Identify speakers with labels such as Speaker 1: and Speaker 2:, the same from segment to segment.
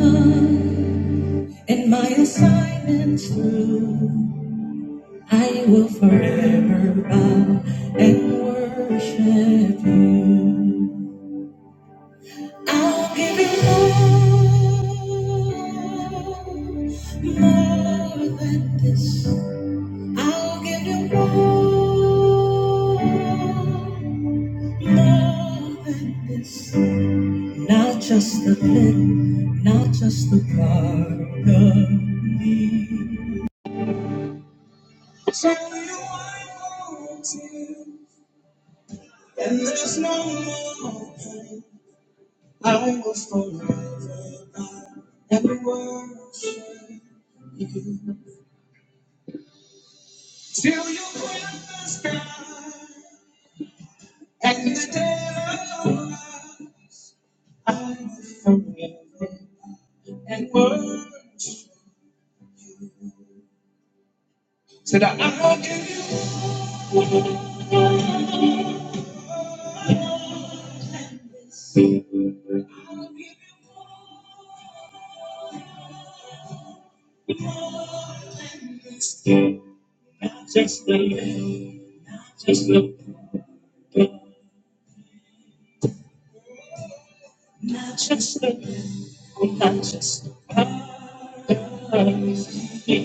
Speaker 1: and my assignment through. I will forever bow and worship you. I'll give you more, more than this. I'll give you more, more than this. Not just a bit, not just a part of me. and worship you and forever and worship you. I just live, just look, I just live, I just praise you. I praise you,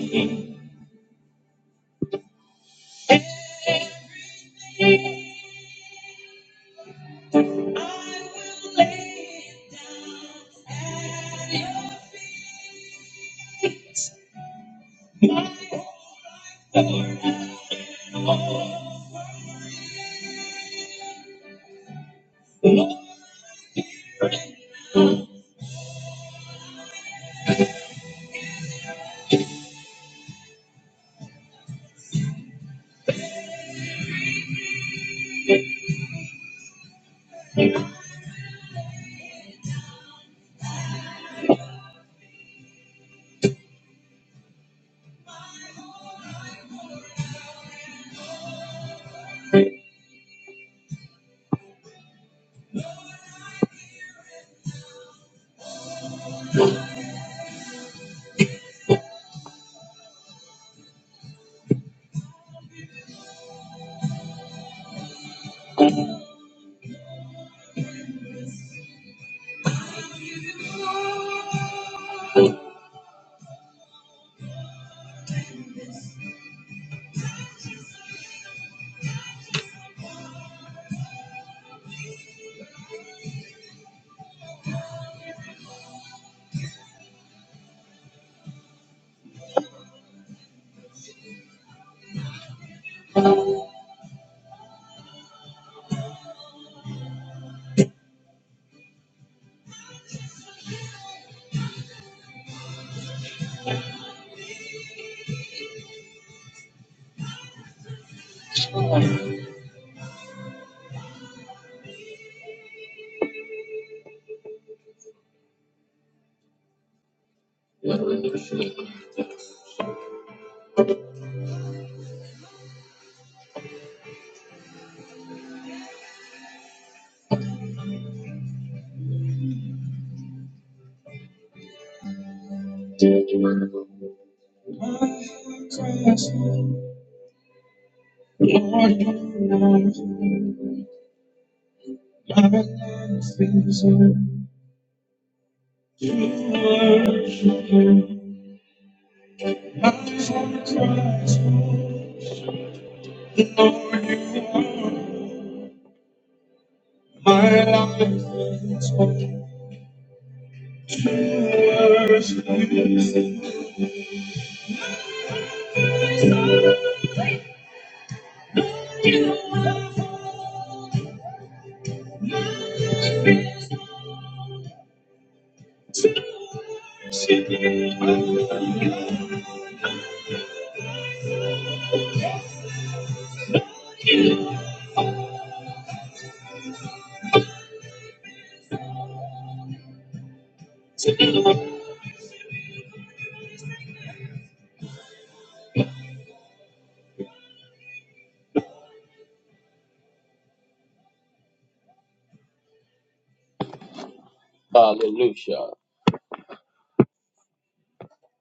Speaker 1: Lord, you are you, My life is in to worship you. I just praise you, Lord, you my life is in Hallelujah.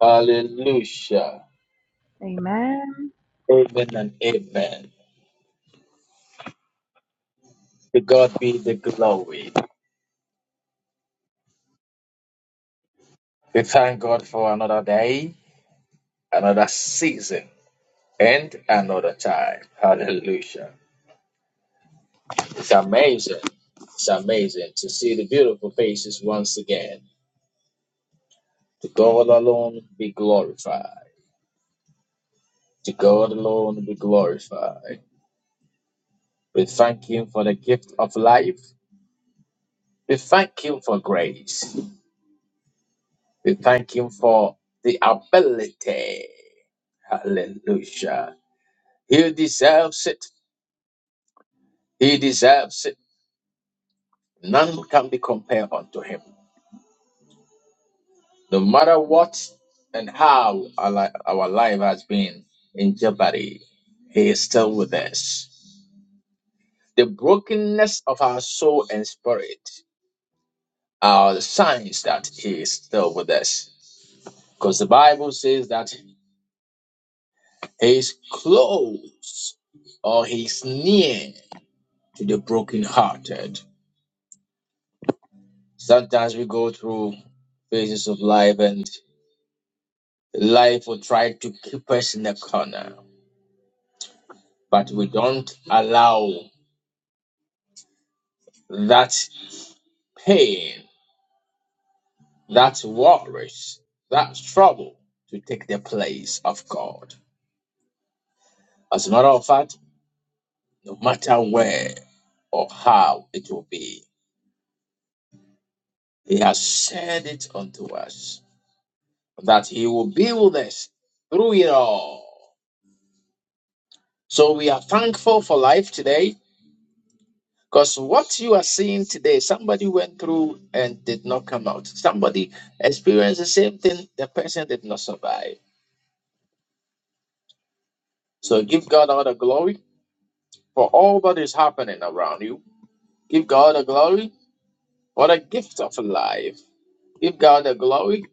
Speaker 1: Hallelujah.
Speaker 2: Amen.
Speaker 1: Amen and amen. To God be the glory. We thank God for another day, another season, and another time. Hallelujah. It's amazing. It's amazing to see the beautiful faces once again. To God alone be glorified. To God alone be glorified. We thank Him for the gift of life. We thank Him for grace. We thank Him for the ability. Hallelujah. He deserves it. He deserves it. None can be compared unto Him. No matter what and how our, li- our life has been in jeopardy, He is still with us. The brokenness of our soul and spirit are signs that He is still with us. Because the Bible says that He's close or he's near to the brokenhearted. Sometimes we go through phases of life and life will try to keep us in a corner, but we don't allow that pain, that worries, that trouble to take the place of God. As a matter of fact, no matter where or how it will be, He has said it unto us. that He will be with us through it all. So we are thankful for life today because what you are seeing today, somebody went through and did not come out. Somebody experienced the same thing, the person did not survive. So give God all the glory for all that is happening around you. Give God the glory for the gift of life. Give God the glory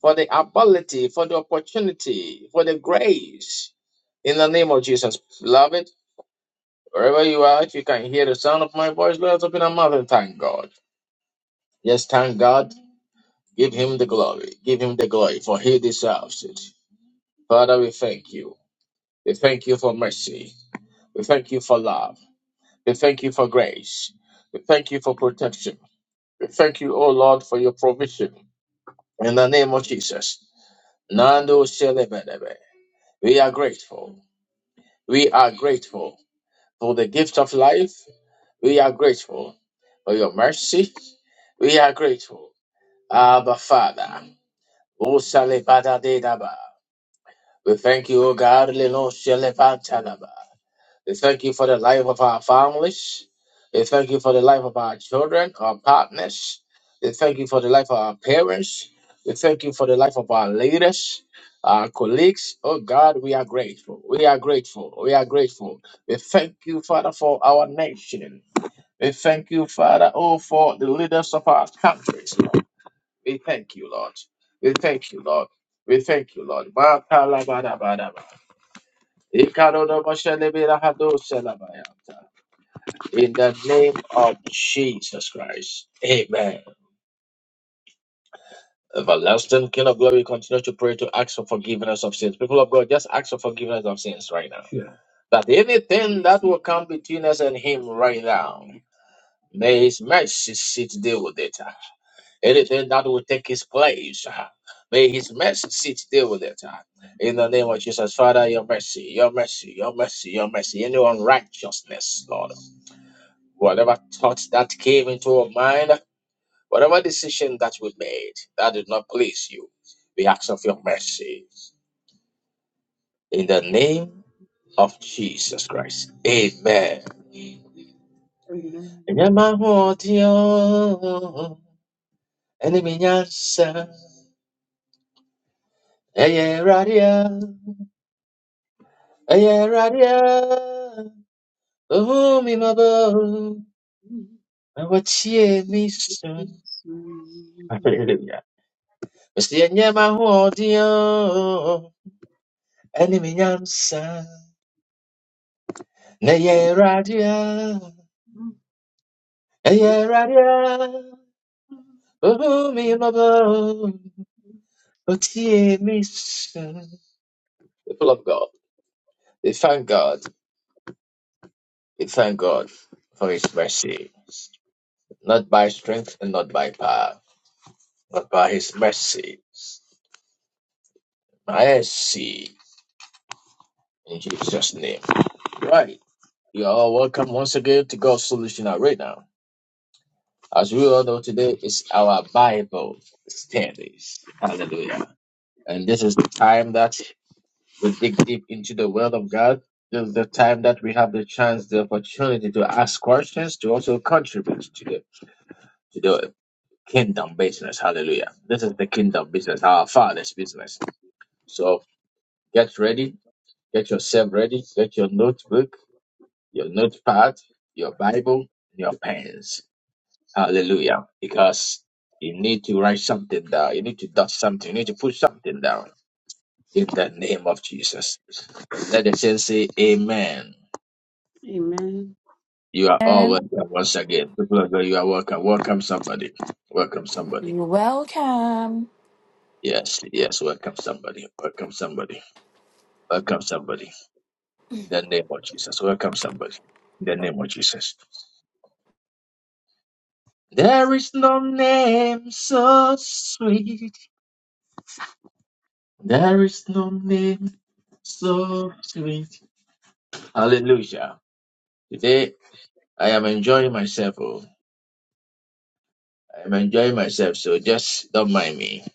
Speaker 1: for the ability, for the opportunity, for the grace. In the name of Jesus, beloved. Wherever you are, if you can hear the sound of my voice, let us open our mouth and thank God. Yes, thank God. Give him the glory. Give him the glory, for he deserves it. Father, we thank you. We thank you for mercy. We thank you for love. We thank you for grace. We thank you for protection. We thank you, O Lord, for your provision. In the name of Jesus. Nando Shelebedebe. We are grateful. We are grateful for the gift of life. We are grateful for your mercy. We are grateful Abba Father. O Shalebada Dedaba. We thank you, O God, Leno Shalebatanaba. We thank you for the life of our families. We thank you for the life of our children, our partners. We thank you for the life of our parents. We thank you for the life of our leaders, our colleagues. Oh God, we are grateful. We are grateful. We are grateful. We thank you, Father, for our nation. We thank you, Father, oh, for the leaders of our countries. We thank you, Lord. We thank you, Lord. We thank you, Lord. Makalabadabadaba. Ikarodobasheleberahadoselabayata. In the name of Jesus Christ. Amen. Everlasting King of Glory, continue to pray to ask for forgiveness of sins. People of God, just ask for forgiveness of sins right now. Yeah. That anything that will come between us and Him right now, may His mercy sit deal with it. Anything that will take his place, ah, may his mercy sit deal with it. ah. In the name of Jesus, Father, your mercy, your mercy, your mercy, your mercy. Any unrighteousness, Lord. Whatever thought that came into our mind, whatever decision that we made that did not please you, we ask of your mercy. In the name of Jesus Christ. Amen.
Speaker 3: Amen.
Speaker 1: Enyamahodio, enemy nyansa, eye radio. Ayaradia, Umi Mabo, and what ye mission. Hallelujah. Mr. Yama Audio, Enemy Yamsa, Nayaradia, Ayaradia, Umi Mabo, what ye mission. People of God, we thank God, we thank God for His mercy, not by strength and not by power, but by His mercy. I see. In Jesus' name. Right. You are welcome once again to God's Solution Hour Right now, As we all know, today is our Bible studies. Hallelujah. And this is the time that we dig deep into the Word of God. This is the time that we have the chance, the opportunity to ask questions, to also contribute to the, to the kingdom business. Hallelujah. This is the kingdom business, our Father's business. So get ready, get yourself ready, get your notebook your notepad, your Bible, your pens. Hallelujah. Because you need to write something down. You need to dot something. You need to put something down in the name of Jesus. Let the saints say amen. You are all
Speaker 4: And
Speaker 1: welcome once again. People of God, you are welcome. Welcome somebody. Welcome somebody.
Speaker 4: you're welcome.
Speaker 1: Yes, yes, welcome somebody. Welcome somebody. Welcome somebody. In the name of Jesus. Welcome somebody. In the name of Jesus. There is no name so sweet There is no name so sweet. Hallelujah. Today I am enjoying myself. Oh. I am enjoying myself, so just don't mind me.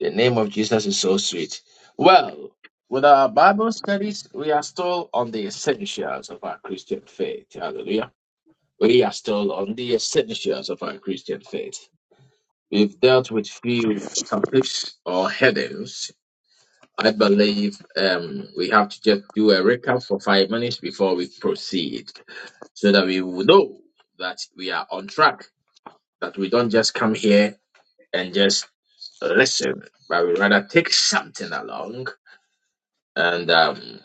Speaker 1: The name of Jesus is so sweet. Well, with our Bible studies, we are still on the essentials of our Christian faith. Hallelujah. We are still on the essentials of our Christian faith. We've dealt with few topics or headings I believe um, we have to just do a recap for five minutes before we proceed so that we will know that we are on track, that we don't just come here and just listen, but we rather take something along and um,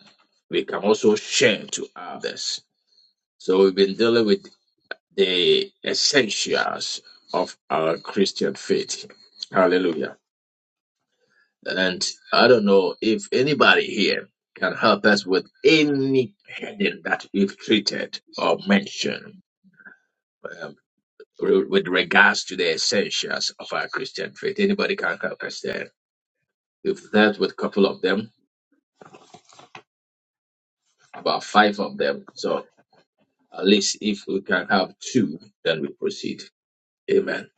Speaker 1: we can also share to others. So we've been dealing with the essentials of our Christian faith. Hallelujah. And I don't know if anybody here can help us with any heading that we've treated or mentioned um, re- with regards to the essentials of our Christian faith. Anybody can help us there. We've dealt with a couple of them, about five of them. So at least if we can have two, then we proceed. Amen.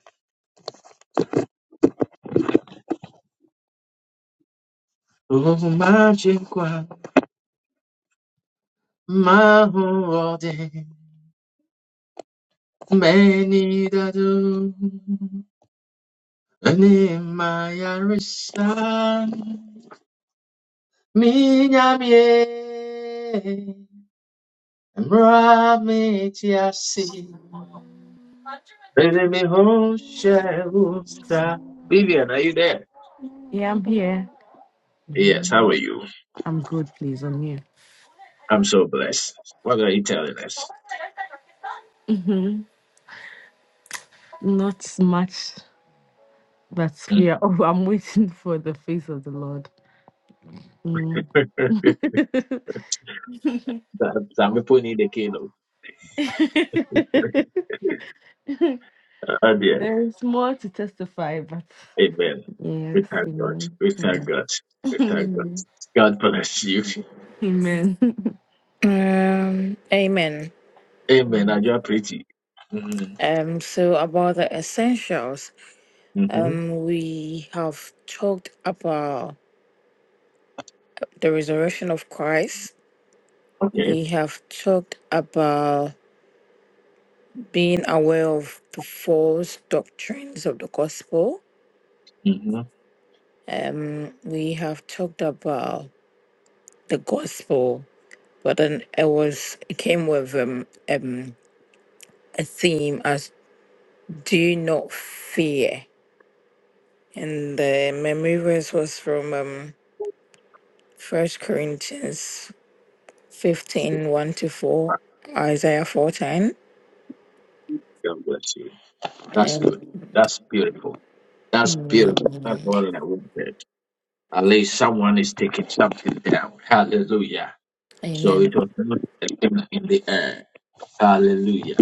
Speaker 1: Oh, my Chinkwa, ane my Arisa, mi nyamie. Ramitiasi, Benemihoshehusta. Vivian, are you there?
Speaker 5: Yeah, I'm here.
Speaker 1: Yes, how are you?
Speaker 5: I'm good, please. I'm here.
Speaker 1: I'm so blessed. What are you telling us?
Speaker 5: hmm Not much, but yeah. Oh, I'm waiting for the face of the Lord. Mm.
Speaker 1: Some some people need a kilo. Oh dear.
Speaker 5: there is more to testify, but
Speaker 1: Amen.
Speaker 5: yes,
Speaker 1: We thank God.
Speaker 5: amen.
Speaker 1: We thank
Speaker 5: Amen.
Speaker 1: God. We thank God.
Speaker 5: Mhm.
Speaker 1: God bless you.
Speaker 5: amen.
Speaker 4: Um, amen.
Speaker 1: Amen.
Speaker 5: Mm.
Speaker 1: And you are pretty.
Speaker 4: Um, so about the essentials,
Speaker 1: Mm-hmm.
Speaker 4: um, we have talked about the resurrection of Christ.
Speaker 1: Okay.
Speaker 4: We have talked about being aware of the false doctrines of the gospel.
Speaker 1: Mm-hmm.
Speaker 4: Um, we have talked about the gospel, but then it was it came with um, um a theme as do not fear And the memory verse was from um, 1 Corinthians fifteen one to 4, Isaiah 4:10.
Speaker 1: God bless you. That's good.
Speaker 4: And
Speaker 1: That's beautiful. That's beautiful. That's
Speaker 4: amen.
Speaker 1: what I wanted. At least someone is taking something down. Hallelujah. So
Speaker 4: Amen.
Speaker 1: it was not a thing in the air. Hallelujah.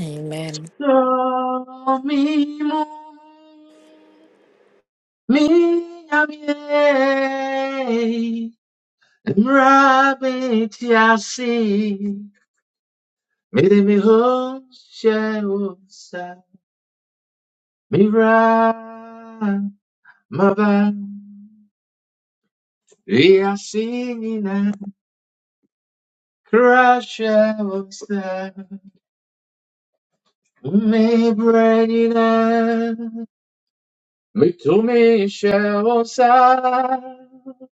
Speaker 4: Amen.
Speaker 1: So mi mo, mi amie, mrabe tiasi, mi de mi ho she osa, mi ra, ma ba. We are singing and crashing upstairs. Me breaking and me to me shall sound.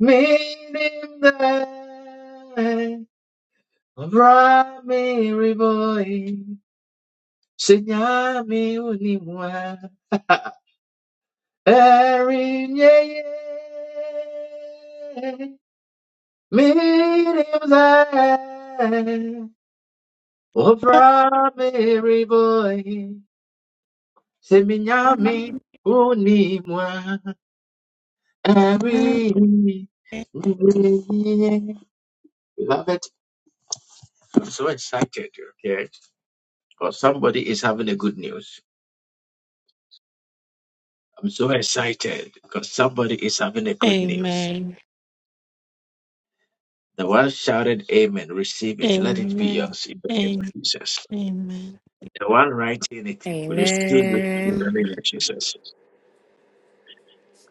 Speaker 1: Meaning that Rami Riboy Sinyami Unimwa Erin Ye ye. Meaning that Rami Riboy C'est Miami, unis-moi. Ah oui, oui, oui.
Speaker 6: Amen.
Speaker 1: Beloved, I'm so excited, okay? Because somebody is having a good news. I'm so excited because somebody is having a good news.
Speaker 6: Amen.
Speaker 1: The one shouted amen, receive it. Let it be
Speaker 6: Amen.
Speaker 1: yours in the name of Jesus.
Speaker 6: Amen.
Speaker 1: The one writing it, receive it in
Speaker 4: Amen.
Speaker 1: the name of Jesus.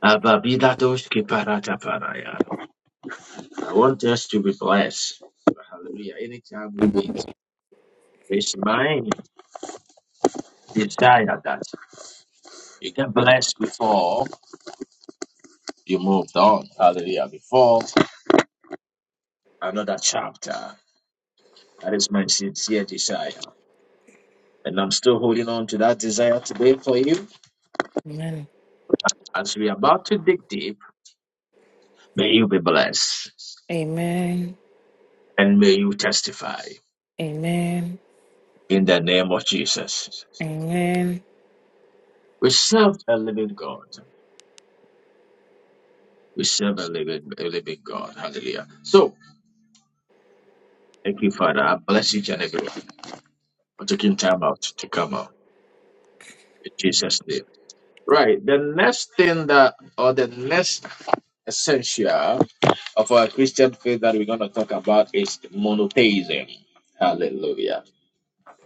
Speaker 1: Ababidados kiparata paraya. I want us to be blessed. Hallelujah. Anytime we meet. It's my desire that you get blessed before you moved on. Hallelujah. Before another chapter. That is my sincere desire. And I'm still holding on to that desire today for you.
Speaker 4: Amen.
Speaker 1: As we are about to dig deep, may you be blessed
Speaker 4: Amen.
Speaker 1: and may you testify in the name of Jesus.
Speaker 4: Amen. Amen.
Speaker 1: We serve a living God. We serve a living, a living God. Hallelujah. So, thank you, Father. I bless each and everyone for taking time out to come out. In Jesus' name. Right. The next thing that, or the next essential of our Christian faith that we're going to talk about is monotheism. Hallelujah.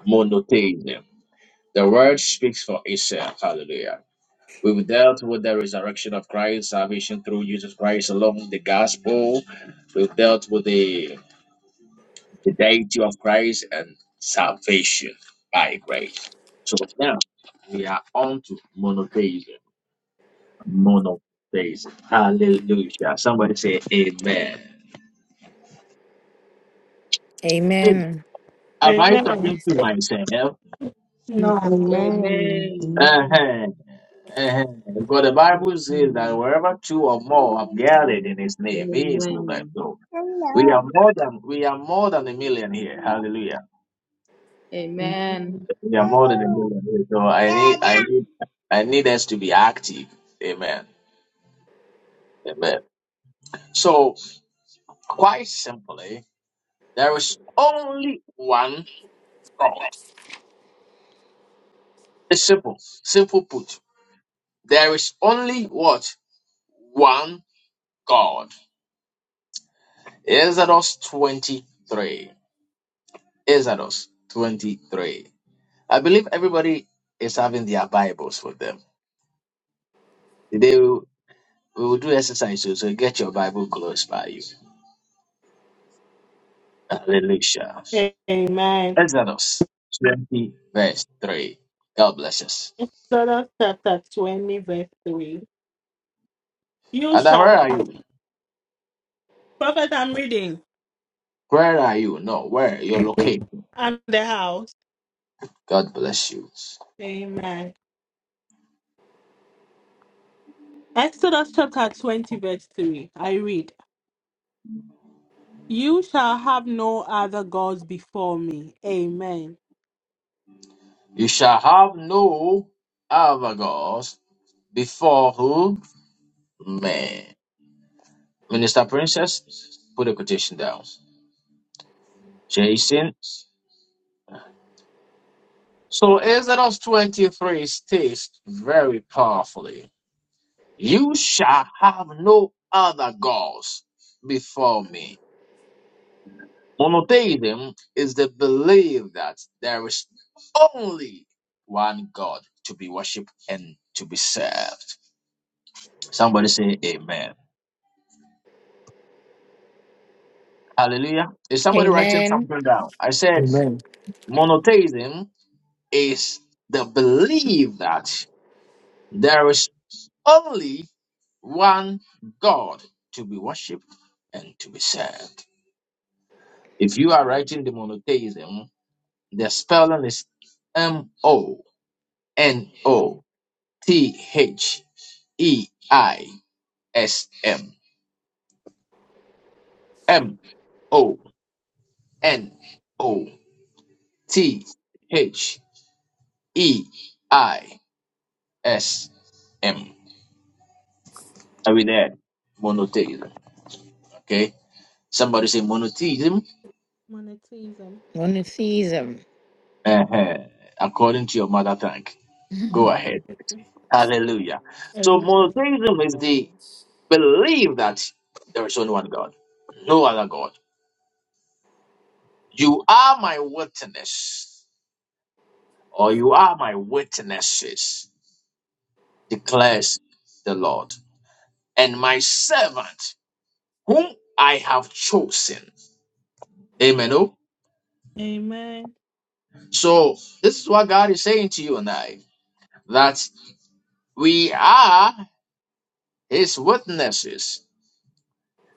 Speaker 1: Monotheism. The word speaks for itself. Hallelujah. We've dealt with the resurrection of Christ, salvation through Jesus Christ along the gospel. We've dealt with the, the deity of Christ and salvation by grace. So now we are on to monotheism. monotheism. Hallelujah. Somebody say amen. Hey,
Speaker 4: Amen.
Speaker 1: Am I
Speaker 6: Amen.
Speaker 1: talking to myself?
Speaker 6: No.
Speaker 5: Amen.
Speaker 7: Amen.
Speaker 5: Amen.
Speaker 1: Uh-huh. uh But the Bible says that
Speaker 7: Amen.
Speaker 1: wherever two or more have gathered in his name, he is with us.
Speaker 7: Amen.
Speaker 1: So we are
Speaker 7: Hello.
Speaker 1: more than we are more than a million here. Hallelujah.
Speaker 7: Amen.
Speaker 1: We are more
Speaker 7: Hello.
Speaker 1: than a million here. So I need
Speaker 7: Dada.
Speaker 1: I need I need us to be active. Amen. Amen. So quite simply, there is only one God. It's simple. Simple put. There is only what? One God. Exodus 23. Exodus 23. I believe everybody is having their Bibles with them. Today we will we will do exercise, so so get your Bible close by you. Hallelujah.
Speaker 6: Amen.
Speaker 1: Exodus 20, verse 3. God bless us.
Speaker 6: Exodus chapter 20, verse 3. You
Speaker 1: Ada,
Speaker 6: shall.
Speaker 1: where are you?
Speaker 6: Prophet, I'm reading.
Speaker 1: Where are you? No, where? You're located.
Speaker 6: And the house.
Speaker 1: God bless you.
Speaker 6: Amen. Exodus chapter 20, verse 3. I read. You shall have no other gods before me. Amen.
Speaker 1: You shall have no other gods before who? Man. Minister Princess, put a quotation down. Jason. So Exodus 23 states very powerfully, You shall have no other gods before me. Monotheism is the belief that there is only one God to be worshipped and to be served. Somebody say amen. Hallelujah. Is somebody writing
Speaker 4: Amen.
Speaker 1: something down? I said
Speaker 8: Amen.
Speaker 1: monotheism is the belief that there is only one God to be worshipped and to be served. If you are writing the monotheism, the spelling is M O N O T H E I S M. M O N O T H E I S M. Are we there? Monotheism. Okay. Somebody say monotheism.
Speaker 6: Monotheism.
Speaker 4: Monotheism.
Speaker 1: Uh-huh. According to your mother tongue. Go ahead. Hallelujah. So
Speaker 6: Amen.
Speaker 1: monotheism is the belief that there is only one God, no other God. You are my witness, or you are my witnesses, declares the Lord, and my servant whom I have chosen. Amen. Oh?
Speaker 6: Amen.
Speaker 1: So this is what God is saying to you and I that we are his witnesses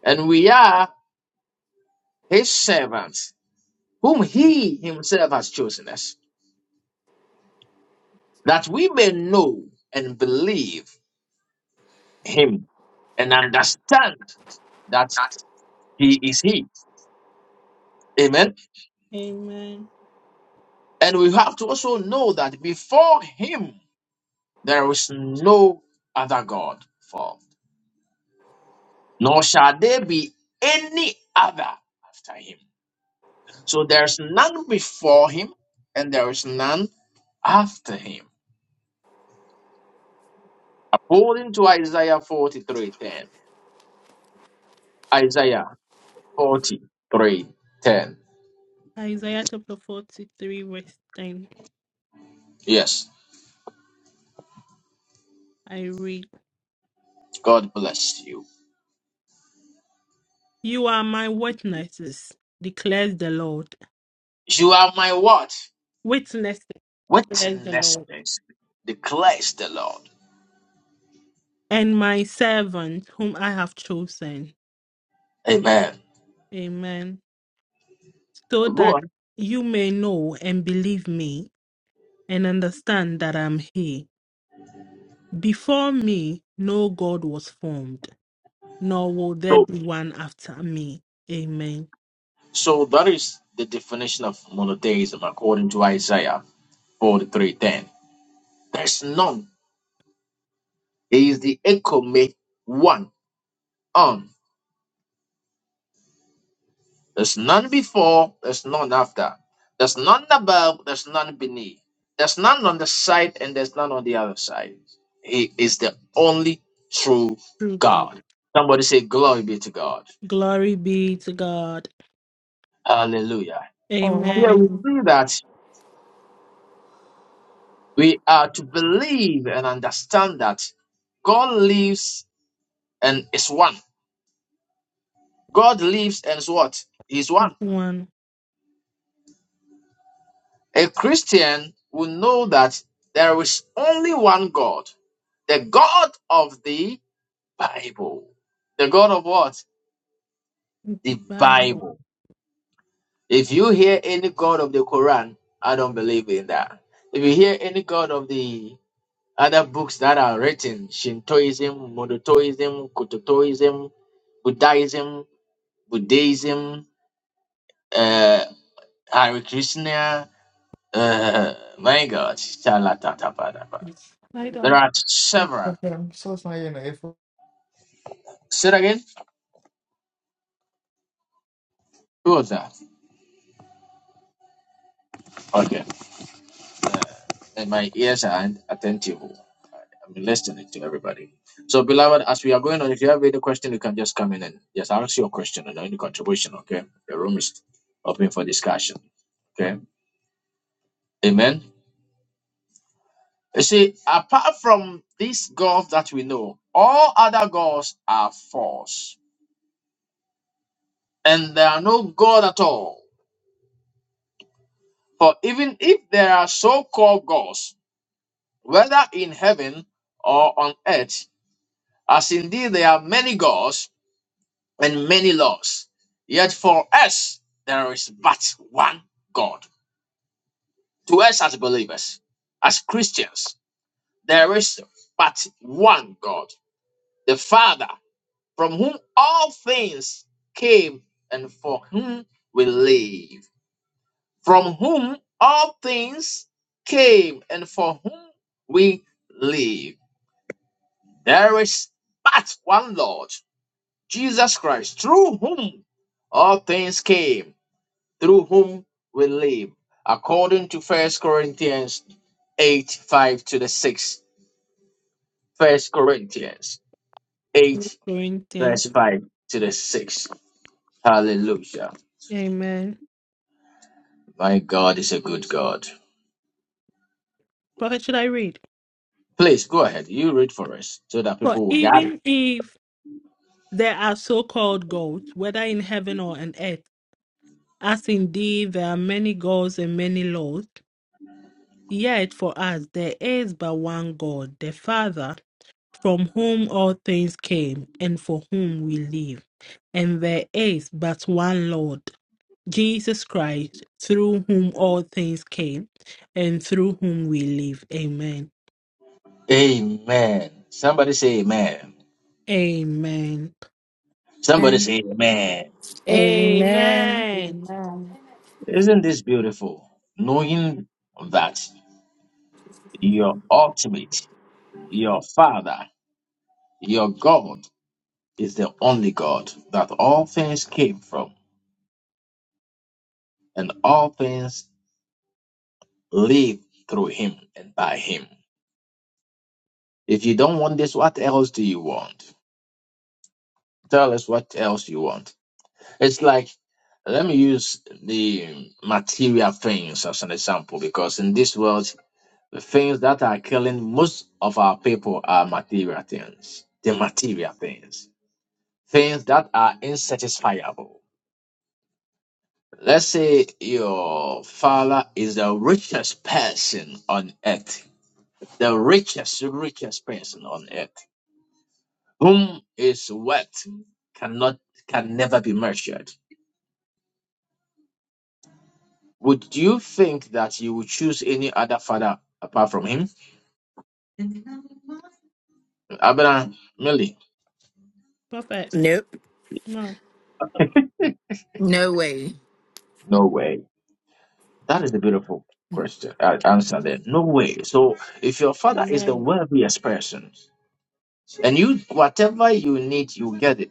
Speaker 1: and we are his servants, whom he himself has chosen us, that we may know and believe him and understand that he is he. Amen.
Speaker 6: Amen.
Speaker 1: And we have to also know that before him there is no other God formed, nor shall there be any other after him. So there is none before him, and there is none after him. According to Isaiah 43:10. Forty three ten.
Speaker 6: Isaiah chapter 43, verse 10.
Speaker 1: Yes,
Speaker 6: I read,
Speaker 1: God bless you.
Speaker 6: You are my witnesses, declares the Lord.
Speaker 1: You are my what?
Speaker 6: Witnesses, declares the Lord.
Speaker 1: Witnesses, declares the Lord.
Speaker 6: And my servant, whom I have chosen.
Speaker 1: Amen.
Speaker 6: Amen. So
Speaker 1: Go
Speaker 6: that
Speaker 1: on.
Speaker 6: you may know and believe me and understand that I'm He. Before me, no God was formed, nor will there
Speaker 1: So,
Speaker 6: be one after me. Amen.
Speaker 1: so that is the definition of monotheism according to Isaiah 43 10. There's none. He is the echo made one. on There's none before, there's none after. There's none above, there's none beneath. There's none on the side, and there's none on the other side. He is the only true
Speaker 6: True God.
Speaker 1: God. Somebody say, Glory be to God.
Speaker 6: Glory be to God.
Speaker 1: Hallelujah. Here we
Speaker 6: Amen.
Speaker 4: Amen.
Speaker 1: see that we are to believe and understand that God lives and is one. God lives and is what? He's one.
Speaker 6: Everyone,
Speaker 1: A Christian will know that there is only one God, the God of the Bible. The God of what? The
Speaker 6: Bible.
Speaker 1: Bible. If you hear any God of the Quran, I don't believe in that. If you hear any God of the other books that are written, Shintoism, Monotoism, Kutotoism, Buddhism, Buddhism, uh, Hare Krishna, uh, my God, Shalatatabadaba.
Speaker 6: Lie
Speaker 1: there
Speaker 6: down.
Speaker 1: are
Speaker 6: It's
Speaker 1: several.
Speaker 6: okay. I'm so sorry, you know, if
Speaker 1: Say it again. Who was that? Okay. And my ears are attentive. i am listening to everybody. So, beloved, as we are going on, if you have any question, you can just come in and just ask your question and any contribution, okay? The room is open for discussion, okay? Amen. You see, apart from this God that we know, all other gods are false, and there are no God at all. For even if there are so called gods, whether in heaven or on earth, as indeed there are many gods, and many laws. Yet for us, there is but one God. To us as believers, as Christians, there is but one God, the Father, from whom all things came and for whom we live. From whom all things came and for whom we live. There is but one Lord, Jesus Christ, through whom all things came through whom we live, according to First Corinthians 8 5 to the 6. First Corinthians 8,
Speaker 6: Doing thing.
Speaker 1: verse 5 to the 6. Hallelujah.
Speaker 6: Amen.
Speaker 1: My God is a good God.
Speaker 6: Prophet, should I read?
Speaker 1: Please go ahead. You read for us so that
Speaker 6: For
Speaker 1: people will get it.
Speaker 6: even if there are so called gods, whether in heaven or on earth, as indeed there are many gods and many laws, yet for us there is but one God, the Father, from whom all things came and for whom we live. And there is but one Lord, Jesus Christ, through whom all things came and through whom we live. Amen.
Speaker 1: Amen. Somebody say amen.
Speaker 6: Amen.
Speaker 1: Somebody say amen.
Speaker 4: Amen.
Speaker 6: Amen.
Speaker 5: Amen.
Speaker 1: Isn't this beautiful? Knowing that your ultimate, your Father, your God is the only God, that all things came from, and all things live through him and by him. If you don't want this, what else do you want? Tell us what else you want. It's like, let me use the material things as an example, because in this world, the things that are killing most of our people are material things. The material things. Things that are insatisfiable Let's say your father is the richest person on earth, the richest, richest person on earth, whom his wealth cannot, can never be measured. Would you think that you would choose any other father apart from him? Abraham, Millie?
Speaker 6: Prophet.
Speaker 4: Nope.
Speaker 6: No.
Speaker 4: No way.
Speaker 1: No way. That is a beautiful question. Uh, answer there.
Speaker 6: Mm,
Speaker 1: No way. So if your father is the
Speaker 6: No.
Speaker 1: wealthiest person, and you whatever you need, you get it.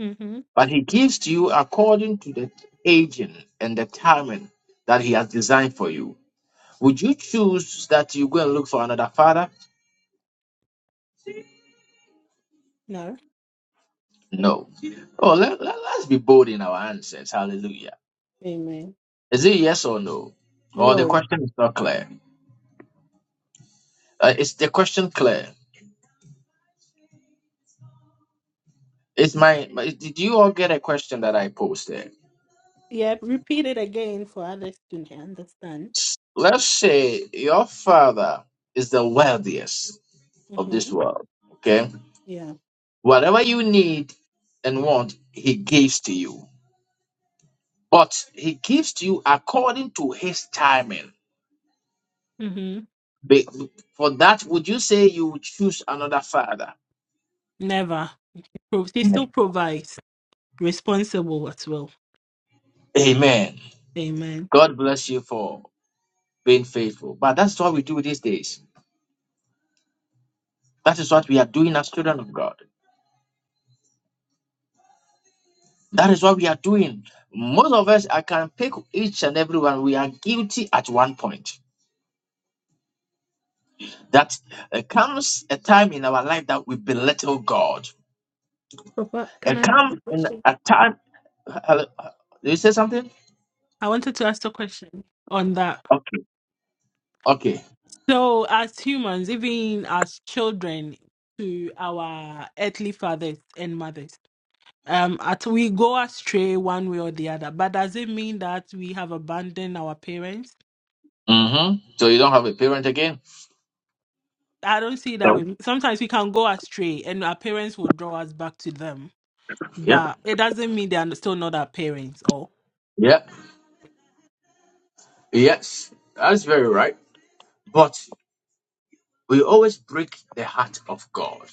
Speaker 6: Mm-hmm.
Speaker 1: but he gives to you according to the agent and the timing that he has designed for you. Would you choose that you go and look for another father?
Speaker 6: No.
Speaker 1: No. Oh, let, let, us be bold in our answers. Hallelujah.
Speaker 6: Amen.
Speaker 1: Is it yes or no? Or the
Speaker 6: No.
Speaker 1: question is not clear? Uh, is the question clear? Is my, my did you all get a question that I posted?
Speaker 6: Yeah. Repeat it again for others to understand.
Speaker 1: Let's say your father is the wealthiest of this
Speaker 6: Mm-hmm.
Speaker 1: world. Okay,
Speaker 6: Yeah.
Speaker 1: whatever you need and want, he gives to you. but he gives to you according to his timing.
Speaker 6: Mm-hmm.
Speaker 1: Be- For that, would you say you would choose another father?
Speaker 6: Never. Pro- She still provides. Responsible as well.
Speaker 1: Amen.
Speaker 6: Amen.
Speaker 1: God bless you for being faithful. But that's what we do these days. That is what we are doing as children of God. That is what we are doing. Most of us, I can pick each and every one. We are guilty at one point. That uh, comes a time in our life that we belittle God.
Speaker 6: Papa, can
Speaker 1: It
Speaker 6: I ask a
Speaker 1: comes in
Speaker 6: question?
Speaker 1: a time. Hello, uh, you say something?
Speaker 6: I wanted to ask a question on that.
Speaker 1: Okay. Okay.
Speaker 6: So, as humans, even as children to our earthly fathers and mothers, um, at we go astray one way or the other. But does it mean that we have abandoned our parents?
Speaker 1: hmm So you don't have a parent again?
Speaker 6: I don't see it that
Speaker 1: No.
Speaker 6: way. Sometimes we can go astray, and our parents will draw us back to them.
Speaker 1: Yeah.
Speaker 6: But it doesn't mean they are still not our parents. Or
Speaker 1: Yeah. Yes. That's very right. But we always break the heart of God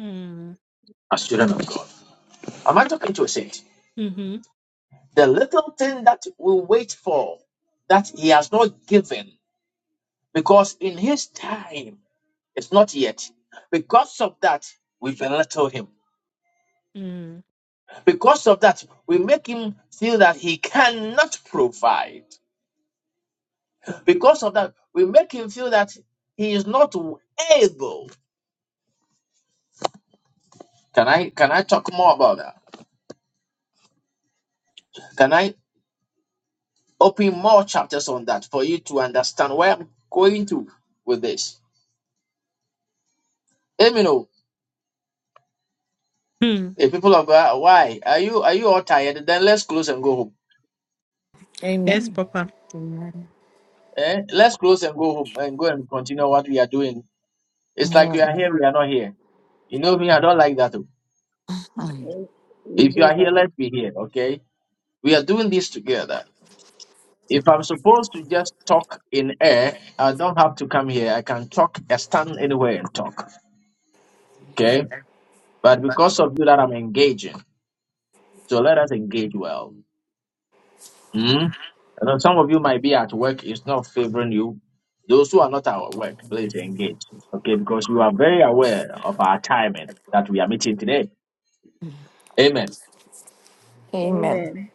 Speaker 6: mm.
Speaker 1: as children of God. Am I talking to a saint?
Speaker 6: mm-hmm.
Speaker 1: The little thing that we wait for that he has not given because in his time it's not yet. Because of that, we belittle him.
Speaker 6: mm.
Speaker 1: Because of that, we make him feel that he cannot provide. Because of that, we make him feel that he is not able. Can I can I talk more about that? Can I open more chapters on that for you to understand where I'm going to with this? Let me know.
Speaker 6: Mm.
Speaker 1: If people of God, why are you are you all tired? Then let's close and go home.
Speaker 6: yes,
Speaker 4: Amen.
Speaker 6: Papa.
Speaker 5: Amen.
Speaker 1: Eh? Let's close and go home and go and continue what we are doing. It's like we are
Speaker 4: Amen.
Speaker 1: here, we are not here. You know me, I don't like that.
Speaker 4: Amen.
Speaker 7: Eh, We
Speaker 1: If you
Speaker 7: did,
Speaker 1: are here,
Speaker 7: Papa.
Speaker 1: let's be here, okay? We are doing this together. If I'm supposed to just talk in air, I don't have to come here. I can talk, I stand anywhere and talk. Okay? But because of you that I'm engaging, so let us engage well. Mm? I know some of you might be at work, it's not favoring you. Those who are not at work, please engage. Okay? Because you are very aware of our timing that we are meeting today. Amen.
Speaker 4: Amen.
Speaker 7: Amen.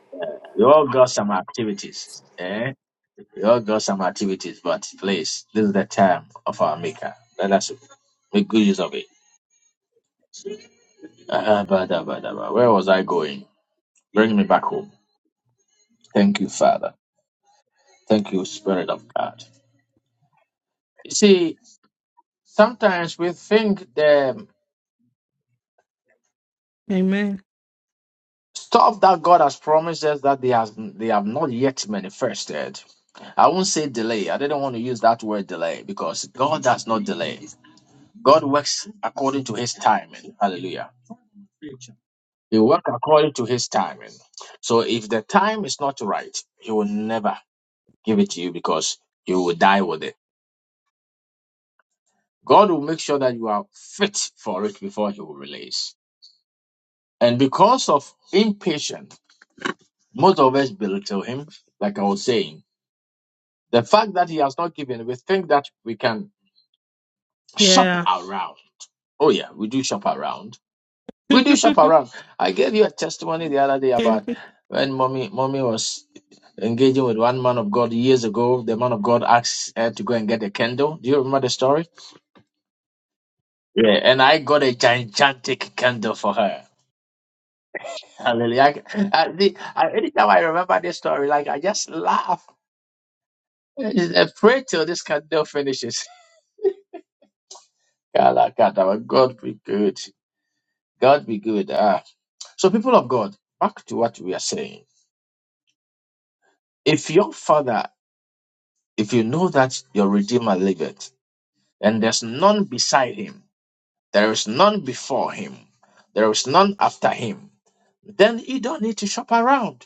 Speaker 1: We all got some activities. Eh? We all got some activities, but please, this is the time of our maker. Let us make good use of it. Ah, bada, bada, bada. Where was I going? Bring me back home. Thank you, Father. Thank you, Spirit of God. You see, sometimes we think the
Speaker 6: Amen.
Speaker 1: stuff that God has promised us that they has they have not yet manifested. I won't say delay. I didn't want to use that word delay because God does not delay. God works according to His timing. Hallelujah. He works according to His timing. So if the time is not right, He will never give it to you because you will die with it. God will make sure that you are fit for it before He will release. And because of impatience, most of us belittle Him, like I was saying. The fact that He has not given, we think that we can shop
Speaker 6: Yeah.
Speaker 1: around. Oh, yeah, we do shop around. We do shop around. I gave you a testimony the other day about
Speaker 6: Every
Speaker 1: when mommy, mommy was engaging with one man of God years ago. The man of God asked her to go and get a candle. Do you remember the story? Yeah. And I got a gigantic candle for her. Hallelujah. I, I, the, I, anytime I remember this story, like I just laugh. I pray till this candle finishes. Kalakata, but God be good. God be good. Ah. So, people of God, back to what we are saying. If your father, if you know that your Redeemer liveth, and there's none beside him, there is none before him, there is none after him, then you don't need to shop around.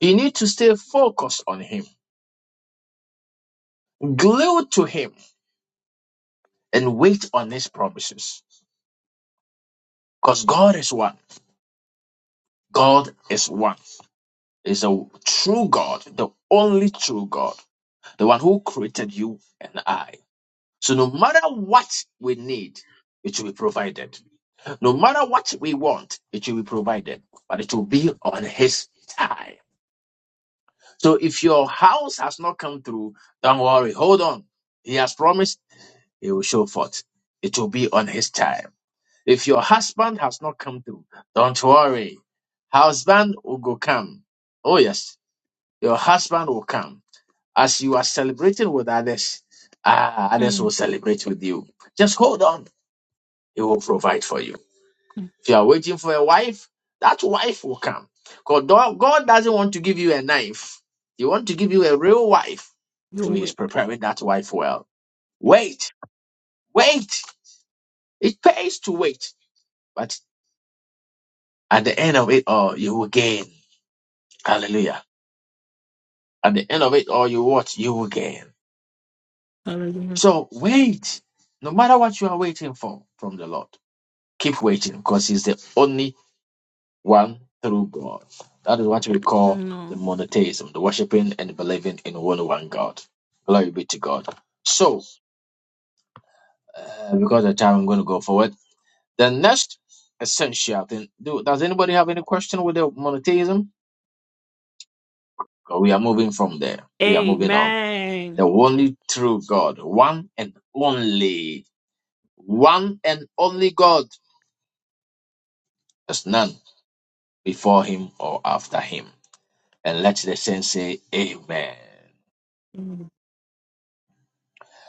Speaker 1: You need to stay focused on him, glued to him, and wait on his promises. Because God is one. God is one. Is a true God, the only true God, the one who created you and I. So no matter what we need, it will be provided. No matter what we want, it will be provided. But it will be on his time. So if your house has not come through, don't worry. Hold on. He has promised he will show forth. It will be on his time. If your husband has not come through, don't worry. Husband will go come. Oh yes, your husband will come. As you are celebrating with others, ah, others
Speaker 6: time
Speaker 1: will celebrate with you. Just hold on. He will provide for you. If you are waiting for a wife, that wife will come. God, God doesn't want to give you a knife. He wants to give you a real wife.
Speaker 6: you
Speaker 1: So he's
Speaker 6: wake.
Speaker 1: preparing that wife well. Wait, wait. It pays to wait. But at the end of it all, you will gain. Hallelujah. At the end of it all, you what? You will gain.
Speaker 6: Hallelujah.
Speaker 1: So wait. No matter what you are waiting for from the Lord, keep waiting because He's the only one through God. That is what we call the
Speaker 6: No.
Speaker 1: monotheism, the worshiping and believing in only one God. Glory be to God. So, uh, because of time, I'm going to go forward. The next essential thing. Do, does anybody have any question with the monotheism? Or we are moving from there. We are moving on.
Speaker 6: Amen.
Speaker 1: The only true God, one and only. one and only God. There's none before him or after him. And let the saints say, Amen.
Speaker 6: Mm.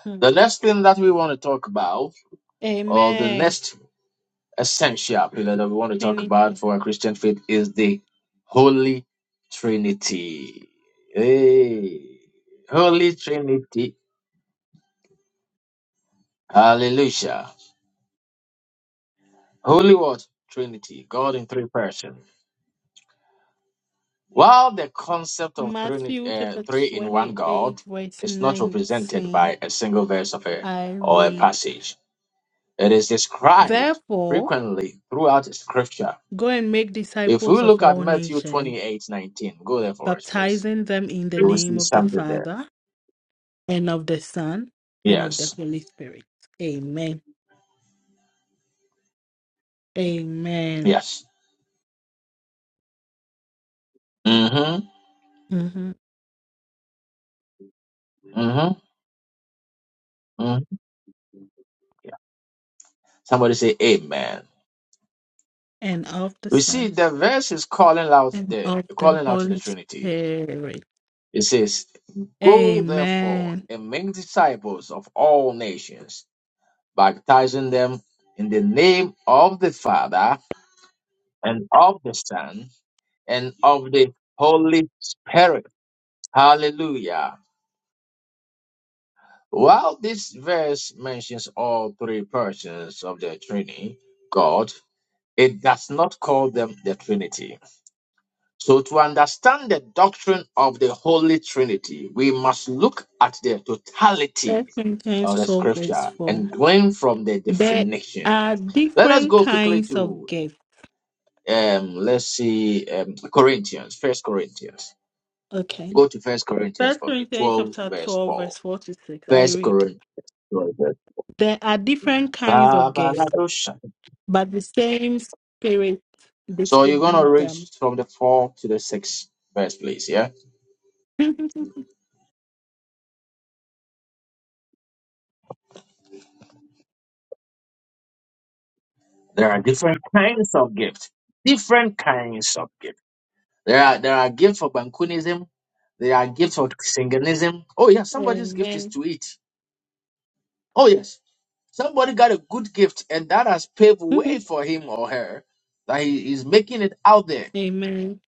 Speaker 6: Mm.
Speaker 1: The next thing that we want to talk about, or the
Speaker 6: Amen.
Speaker 1: next essential pillar that we want to talk
Speaker 6: Trinity.
Speaker 1: about for our Christian faith, is the Holy Trinity. Hey, Holy Trinity. Hallelujah. Holy what? Trinity. God in three persons. While the concept of three,
Speaker 6: Matthew
Speaker 1: uh,
Speaker 6: chapter
Speaker 1: three in one God
Speaker 6: 28, verse
Speaker 1: is not represented
Speaker 6: 19.
Speaker 1: by a single verse of a,
Speaker 6: I
Speaker 1: or a
Speaker 6: read,
Speaker 1: passage, it is described
Speaker 6: Therefore,
Speaker 1: frequently throughout Scripture.
Speaker 6: go and make
Speaker 1: If we
Speaker 6: disciples of
Speaker 1: look at
Speaker 6: all
Speaker 1: Matthew
Speaker 6: nations,
Speaker 1: twenty-eight nineteen, go there for us, please.
Speaker 6: baptizing them in the
Speaker 1: You will
Speaker 6: name
Speaker 1: see
Speaker 6: of the
Speaker 1: something there.
Speaker 6: Father, and of the Son, and of the
Speaker 1: Yes.
Speaker 6: Holy Spirit. Amen. Amen.
Speaker 1: Yes. Mm-hmm.
Speaker 6: Mhm.
Speaker 1: Mm-hmm. hmm Somebody say Amen.
Speaker 6: And of the
Speaker 1: We
Speaker 6: Son.
Speaker 1: see the verse is calling out
Speaker 6: and
Speaker 1: the
Speaker 6: of the
Speaker 1: calling out the
Speaker 6: Holy
Speaker 1: Trinity.
Speaker 6: Spirit.
Speaker 1: It says, Go therefore
Speaker 6: Amen.
Speaker 1: and make disciples of all nations, baptizing them in the name of the Father and of the Son and of the Holy Spirit. Hallelujah. While this verse mentions all three persons of the Trinity, God, it does not call them the Trinity. So, to understand the doctrine of the Holy Trinity, we must look at the totality
Speaker 6: First Corinthians
Speaker 1: of the
Speaker 6: 12, verse
Speaker 1: scripture
Speaker 6: 4.
Speaker 1: and glean from the
Speaker 6: There
Speaker 1: definition.
Speaker 6: are
Speaker 1: Let us
Speaker 6: different
Speaker 1: go quickly
Speaker 6: kinds of
Speaker 1: to,
Speaker 6: gifts.
Speaker 1: um, let's see, um, Corinthians, First Corinthians.
Speaker 6: Okay.
Speaker 1: Go to First Corinthians
Speaker 6: First
Speaker 1: for me,
Speaker 6: Corinthians
Speaker 1: 12,
Speaker 6: chapter
Speaker 1: verse
Speaker 6: 12,
Speaker 1: 4.
Speaker 6: verse 4 to 6. I
Speaker 1: First
Speaker 6: read.
Speaker 1: Corinthians. 12 verse-
Speaker 6: There are different kinds of gifts,
Speaker 1: Babaladosha.
Speaker 6: but the same spirit
Speaker 1: So you're going to
Speaker 6: distributes
Speaker 1: read
Speaker 6: them.
Speaker 1: from the 4 to the 6th verse, please, yeah? There are different kinds of gifts. Different kinds of gifts There are there are gifts for Bankunism. There are gifts for Singanism. Oh yeah, somebody's gift is
Speaker 6: Amen.
Speaker 1: to eat. Oh yes, somebody got a good gift, and that has paved way for him or her that he is making it out there.
Speaker 6: Amen.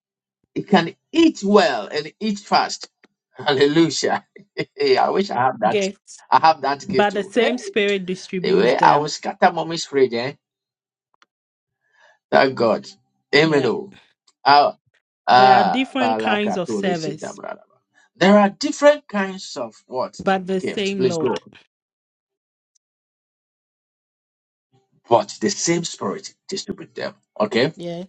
Speaker 1: He can eat well and eat fast. Hallelujah! hey, I wish I have that.
Speaker 6: Gifts.
Speaker 1: I have that gift
Speaker 6: But the
Speaker 1: too. Hey,
Speaker 6: same spirit
Speaker 1: the
Speaker 6: distributes
Speaker 1: way I
Speaker 6: them.
Speaker 1: was scatter mommy's fridge, eh? Thank God. Amen.
Speaker 6: Yeah.
Speaker 1: Oh.
Speaker 6: There are
Speaker 1: Ah,
Speaker 6: different kinds of
Speaker 1: Balakatole
Speaker 6: service
Speaker 1: Sitabraba. There are different kinds of what
Speaker 6: but the
Speaker 1: gift.
Speaker 6: same
Speaker 1: Please go.
Speaker 6: Lord.
Speaker 1: But the same spirit distribute them. Okay.
Speaker 6: Yeah.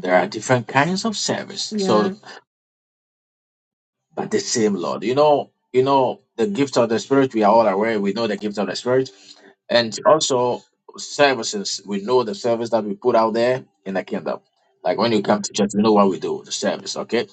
Speaker 1: There are different kinds of service. So
Speaker 6: Yeah.
Speaker 1: but the same Lord. You know, you know the gift of the Spirit. We are all aware. We know the gift of the Spirit, and also services. We know the service that we put out there in the kingdom. Like when you come to church, you know what we do, the service, okay?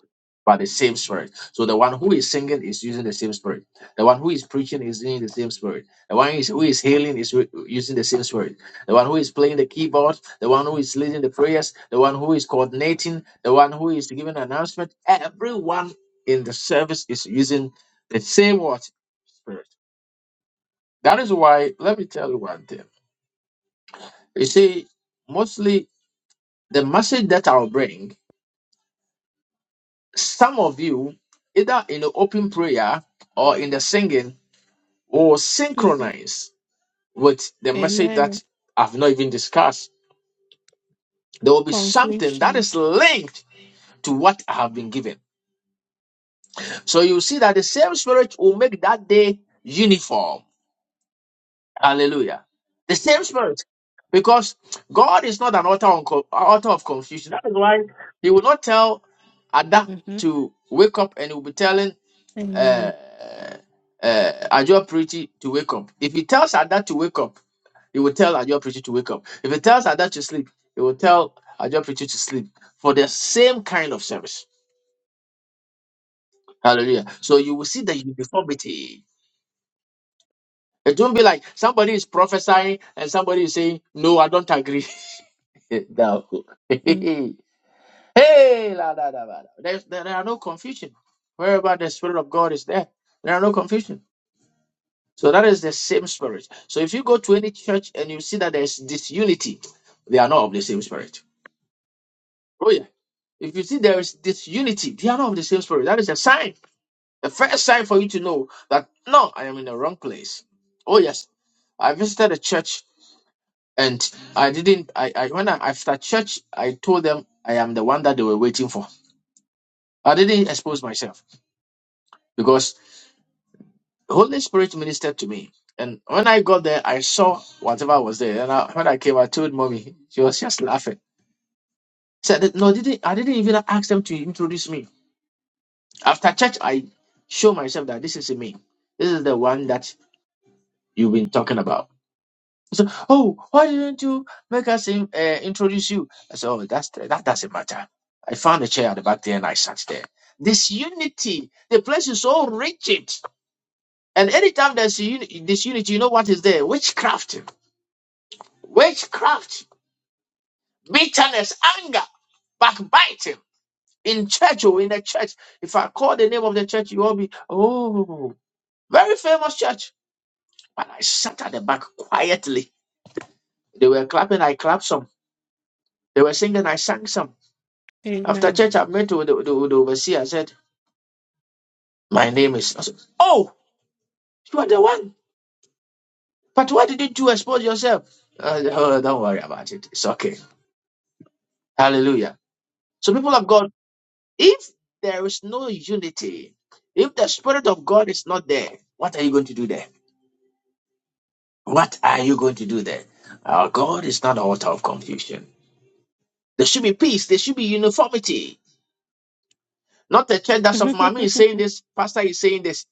Speaker 1: But the same spirit. So the one who is singing is using the same spirit. The one who is preaching is using the same spirit. The one who is, who is healing is re- using the same spirit. The one who is playing the keyboard, the one who is leading the prayers, the one who is coordinating, the one who is giving announcement. Everyone in the service is using the same what spirit. That is why let me tell you one thing. You see, mostly the message that I'll bring, some of you, either in the open prayer or in the singing, will
Speaker 6: hmm
Speaker 1: synchronize with the message
Speaker 6: Amen.
Speaker 1: that I've not even discussed. There will be something that
Speaker 6: Confliction.
Speaker 1: is linked to what I have been given. So you see that the same spirit will make that day uniform Hallelujah. The same spirit. Because God is not an author, on co- author of confusion. That is why He will not tell Ada
Speaker 6: hmm
Speaker 1: to wake up and He will be telling uh,
Speaker 6: Amen.
Speaker 1: uh, Ajo Pretty to wake up. If He tells Ada to wake up, He will tell Ajo Pretty to wake up. If He tells Ada to sleep, He will tell Ajo Pretty to sleep for the same kind of service. Hallelujah. So you will see the uniformity. It won't be like somebody is prophesying and somebody is saying, No, I don't agree. Thou- good.
Speaker 6: Mm.
Speaker 1: hey, la, da, da, ba, da. There's, there there are no confusion. Wherever the Spirit of God is there, there are no confusion. So that is the same Spirit. So if you go to any church and you see that there's disunity, they are not of the same Spirit. Oh, yeah. If you see there is disunity, they are not of the same Spirit. That is a sign. The first sign for you to know that, no, I am in the wrong place. Oh, yes. I visited a church and I didn't, I, I when I, after church, I told them I am the one that they were waiting for. I didn't expose myself because the Holy Spirit ministered to me. And when I got there, I saw whatever was there. And I, when I came, I told mommy. She was just laughing. Said, that, "No, didn't I didn't even ask them to introduce me. After church, I show myself that this is me. This is the one that you've been talking about." So, oh, why didn't you make us in, uh, introduce you? I said, "Oh, that's that doesn't matter." I found a chair at the back there and I sat there. This unity, the place is so rigid And anytime there's a uni- disunity, you know what is there? Witchcraft, witchcraft, bitterness, anger, backbiting in church or in the church. If I call the name of the church, you all be, oh, very famous church. But I sat at the back quietly. They were clapping, I clapped some. They were singing, I sang some. After
Speaker 6: Amen.
Speaker 1: church, I met with the, the, the overseer. I said, my name is. I said, oh, you are the one. But why didn't you expose yourself? Uh, oh, don't worry about it. It's okay. Hallelujah. So people of God. If there is no unity, if the Spirit of God is not there, what are you going to do there? What are you going to do there? Our God is not the author of confusion. There should be peace, there should be uniformity. Not the church that's of mommy is saying this, pastor is saying this,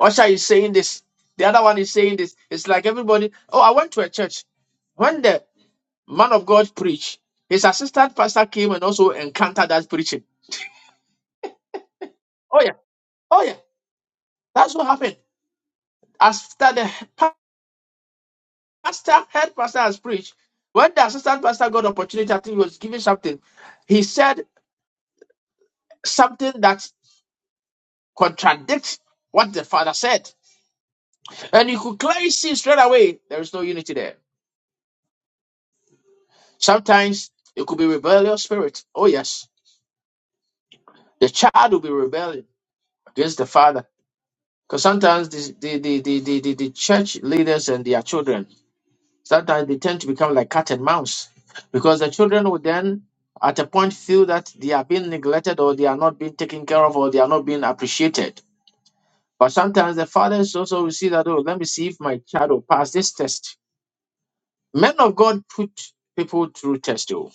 Speaker 1: usher is saying this, the other one is saying this. It's like everybody, oh, I went to a church. When the man of God preached, his assistant pastor came and also encountered that preaching. Oh, yeah, oh, yeah, that's what happened. After the pastor, head pastor has preached. When the assistant pastor got opportunity, I think he was giving something. He said something that contradicts what the father said. And you could clearly see straight away there is no unity there. Sometimes it could be rebellious spirit. Oh, yes. The child will be rebelling against the father. Because sometimes the, the, the, the, the, the, the church leaders and their children Sometimes they tend to become like cat and mouse because the children would then, at a point, feel that they are being neglected or they are not being taken care of or they are not being appreciated. But sometimes the fathers also will see that, oh, let me see if my child will pass this test. Men of God put people through test. Oh.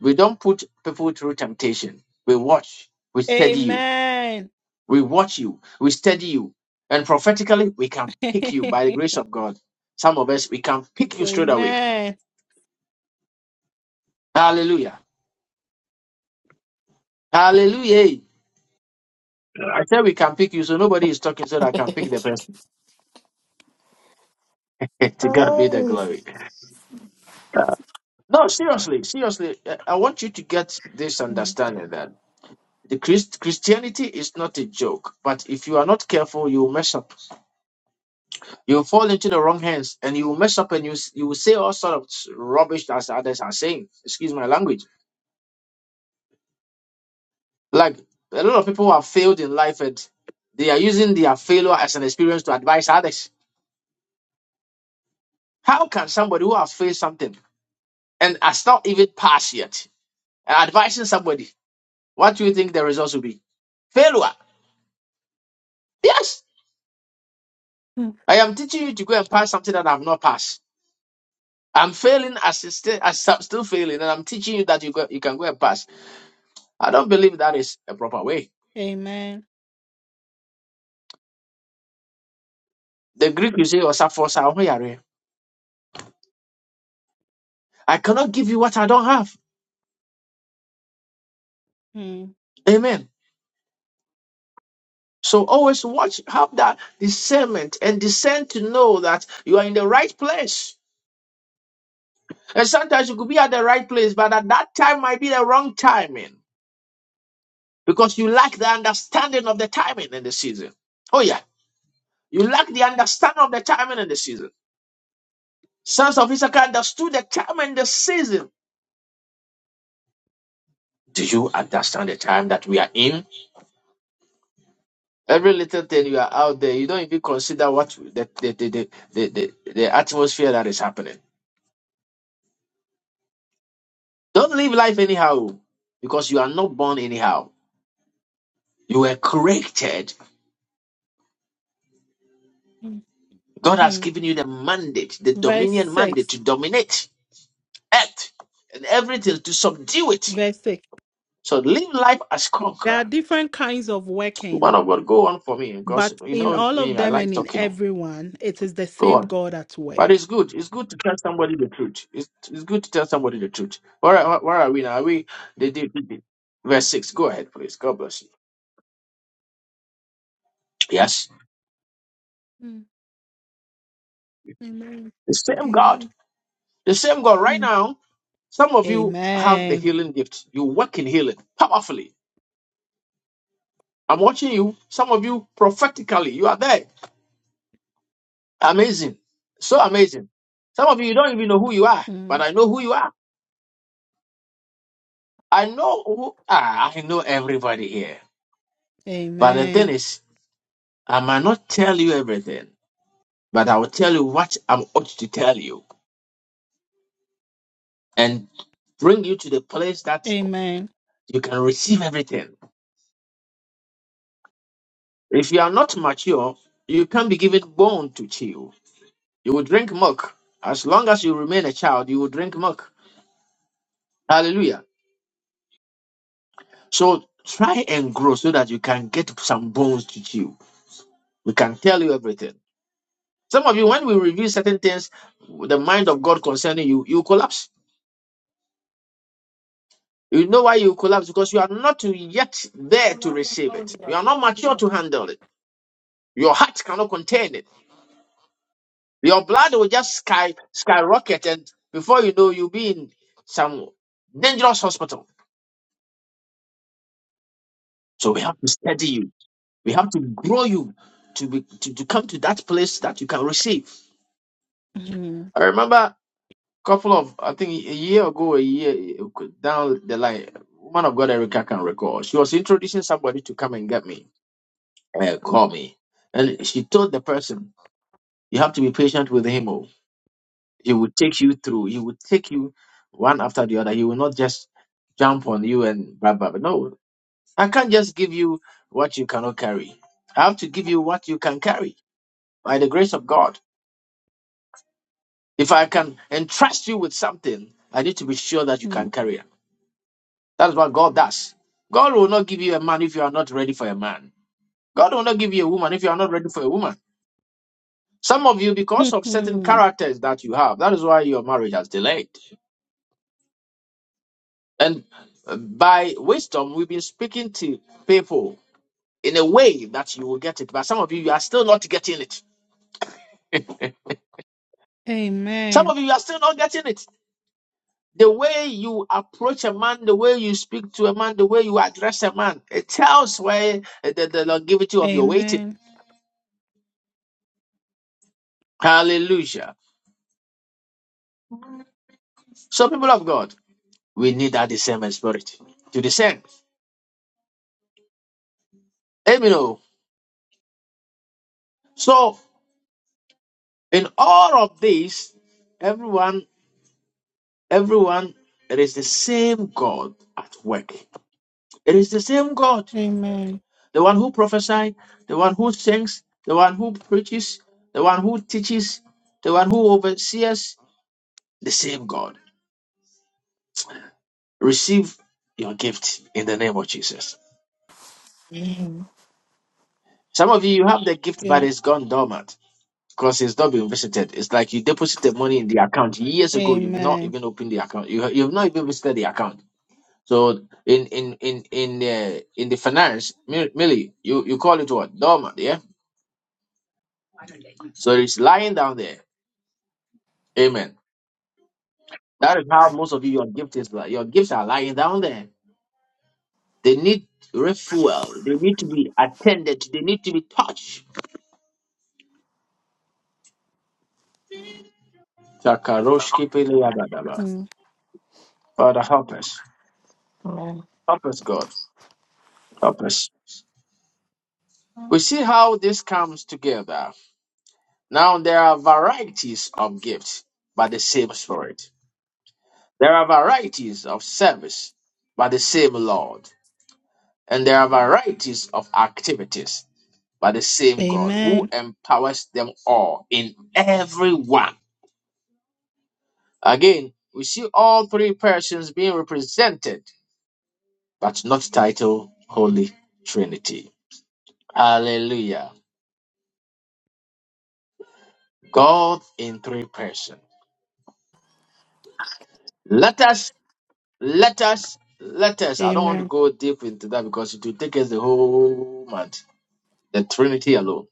Speaker 1: We don't put people through temptation. We watch, we study you,
Speaker 6: Amen.
Speaker 1: we watch you, we study you. And prophetically, we can pick you by the grace of God. Some of us, we can pick you straight away.
Speaker 6: Amen.
Speaker 1: Hallelujah. Hallelujah. I said we can pick you, so nobody is talking so that I can pick the person. to God be the
Speaker 4: Oh,
Speaker 1: glory. Uh, no, seriously, seriously, uh, I want you to get this
Speaker 6: Mm.
Speaker 1: understanding that the Christ- Christianity is not a joke. But if you are not careful, you will mess up. You will fall into the wrong hands, and you will mess up, and you s- you will say all sort of s- rubbish as others are saying. Excuse my language. Like a lot of people who have failed in life, and they are using their failure as an experience to advise others. How can somebody who has failed something and has not even passed yet? advising somebody, what do you think the results will be? Failure. Yes, I am teaching you to go and pass something that I've not passed. I'm failing as a still as I'm still failing, and I'm teaching you that you go, you can go and pass. I don't believe that is a proper way.
Speaker 6: Amen.
Speaker 1: The Greek you say was I cannot give you what I don't have.
Speaker 6: Mm.
Speaker 1: Amen. So always watch, have that discernment and discern to know that you are in the right place. And sometimes you could be at the right place, but at that time might be the wrong timing. because you lack the understanding of the timing and the season. Oh, yeah. You lack the understanding of the timing and the season. Sons of Issachar understood the time and the season. Do you understand the time that we are in? Every little thing you are out there, you don't even consider what the, the, the, the, the, the, the atmosphere that is happening. Don't live life anyhow because you are not born anyhow. You were created. God has
Speaker 6: Hmm.
Speaker 1: given you the mandate, the
Speaker 6: Verse
Speaker 1: dominion mandate
Speaker 6: 6.
Speaker 1: to dominate earth and everything, to subdue it.
Speaker 6: Verse 6.
Speaker 1: So live life as
Speaker 6: There are
Speaker 1: conqueror.
Speaker 6: different kinds of
Speaker 1: One
Speaker 6: working,
Speaker 1: of God, go on for me because
Speaker 6: but
Speaker 1: you
Speaker 6: in
Speaker 1: know
Speaker 6: all of
Speaker 1: me, I
Speaker 6: them
Speaker 1: like
Speaker 6: and in
Speaker 1: talking on.
Speaker 6: everyone, it is the
Speaker 1: Go
Speaker 6: same
Speaker 1: on.
Speaker 6: God at
Speaker 1: But
Speaker 6: work.
Speaker 1: it's good. It's good to tell somebody the truth. It's, it's good to tell somebody the truth. Where, are- where are we now? Are we the, the, the- verse six? Go ahead, please. God bless you. Yes.
Speaker 6: Hmm. Amen.
Speaker 1: The same God.
Speaker 6: Amen.
Speaker 1: The same God. Right
Speaker 6: Hmm.
Speaker 1: now, some of you have the
Speaker 6: Amen.
Speaker 1: healing gift. You work in healing powerfully. I'm watching you. Some of you prophetically. You are there. Amazing. So amazing. Some of you you don't even know who you are,
Speaker 6: Hmm.
Speaker 1: but I know who you are. I know who ah, I know everybody here. But the thing
Speaker 6: Amen.
Speaker 1: is, I might not tell you everything, but I will tell you what I'm ought to tell you and bring you to the place that
Speaker 6: Amen.
Speaker 1: you can receive everything. If you are not mature, you can't be given bone to chew. You will drink milk. As long as you remain a child, you will drink milk. Hallelujah. So try and grow so that you can get some bones to chew. We can tell you everything. Some of you, when we review certain things, the mind of God concerning you, you collapse. You know why you collapse? Because you are not yet there to receive it. You are not mature to handle it. Your heart cannot contain it. Your blood will just sky skyrocket, and before you know, you'll be in some dangerous hospital. So we have to steady you. We have to grow you to be to, to come to that place that you can receive.
Speaker 6: Hmm.
Speaker 1: I remember couple of I think a year ago, a year down the line, woman of God Erica can recall. She was introducing somebody to come and get me, uh, call me, and she told the person, "You have to be patient with him. Oh, he will take you through. He will take you one after the other. He will not just jump on you and blah blah. blah. No, I can't just give you what you cannot carry. I have to give you what you can carry by the grace of God. If I can entrust you with something, I need to be sure that you
Speaker 6: Hmm.
Speaker 1: can carry it That's what God does. God will not give you a man if you are not ready for a man. God will not give you a woman if you are not ready for a woman. Some of you, because of certain
Speaker 6: Hmm.
Speaker 1: characters that you have, that is why your marriage has delayed. And uh, by wisdom, we've been speaking to people in a way that you will get it. But some of you, you are still not getting it. Some
Speaker 6: Amen.
Speaker 1: of you, you are still not getting it. The way you approach a man, the way you speak to a man, the way you address a man, it tells where the, the longevity of your waiting.
Speaker 6: Amen.
Speaker 1: Hallelujah. So, people of God. We need that discernment spirit to discern. Amen. oh. So in all of this, everyone, everyone, it is the same God at work. It is the same God,
Speaker 6: Amen.
Speaker 1: the one who prophesied, the one who sings, the one who preaches, the one who teaches, the one who oversees. The same God. Receive your gift in the name of Jesus.
Speaker 4: Amen.
Speaker 1: Some of you, you have the gift, but
Speaker 6: Yeah.
Speaker 1: it's gone dormant. because it's not been visited. It's like you deposited money in the account years ago. You've not
Speaker 6: Amen.
Speaker 1: even opened the account. You you've not even visited the account. So in in in in the in the finance, Mi- Millie, you you call it what dormant, yeah? So it's lying down there. Amen. That is how most of you your gift is. li- Your gifts are lying down there. They need refuel. They need to be attended. They need to be touched. Takaroshkipeleyabadaba.
Speaker 6: Hmm.
Speaker 1: Father, help us.
Speaker 4: Amen.
Speaker 1: Help us, God. Help us. We see how this comes together. Now there are varieties of gifts by the same Spirit. There are varieties of service by the same Lord. And there are varieties of activities by the same God who
Speaker 6: Amen.
Speaker 1: empowers them all in everyone. Again, we see all three persons being represented, but not titled Holy Trinity. Hallelujah. God in three persons. Let us Let us, let us. I don't want to
Speaker 6: Amen.
Speaker 1: go deep into that because it will take us the whole month. The Trinity alone.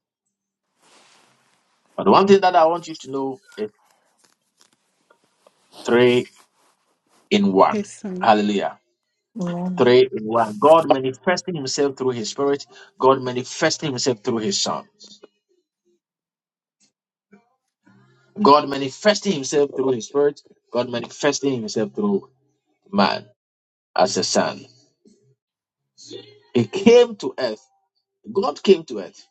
Speaker 1: But one thing that I want you to know is three in one.
Speaker 6: Yes, son.
Speaker 1: Hallelujah.
Speaker 4: Amen.
Speaker 1: Three in one. God manifesting himself through his spirit. God manifesting himself through his son. God manifesting himself through his spirit. God manifesting himself through man as a son. He came to earth. God came to earth.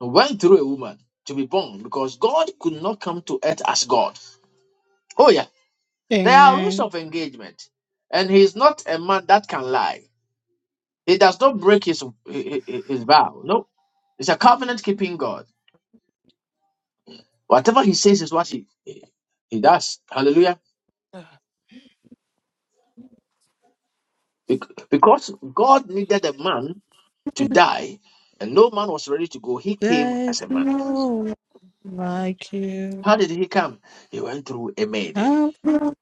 Speaker 1: Went through a woman to be born because God could not come to earth as God. Oh yeah. There are rules
Speaker 6: Amen.
Speaker 1: of engagement, and he's not a man that can lie. He does not break his his, his vow. No, he's a covenant keeping God. Whatever he says is what he he does. Hallelujah. Bec- Because God needed a man to die, and no man was ready to go. He came
Speaker 6: There's
Speaker 1: as a man.
Speaker 6: no one like you.
Speaker 1: How did he come? He went through a maiden.
Speaker 6: I'm broken.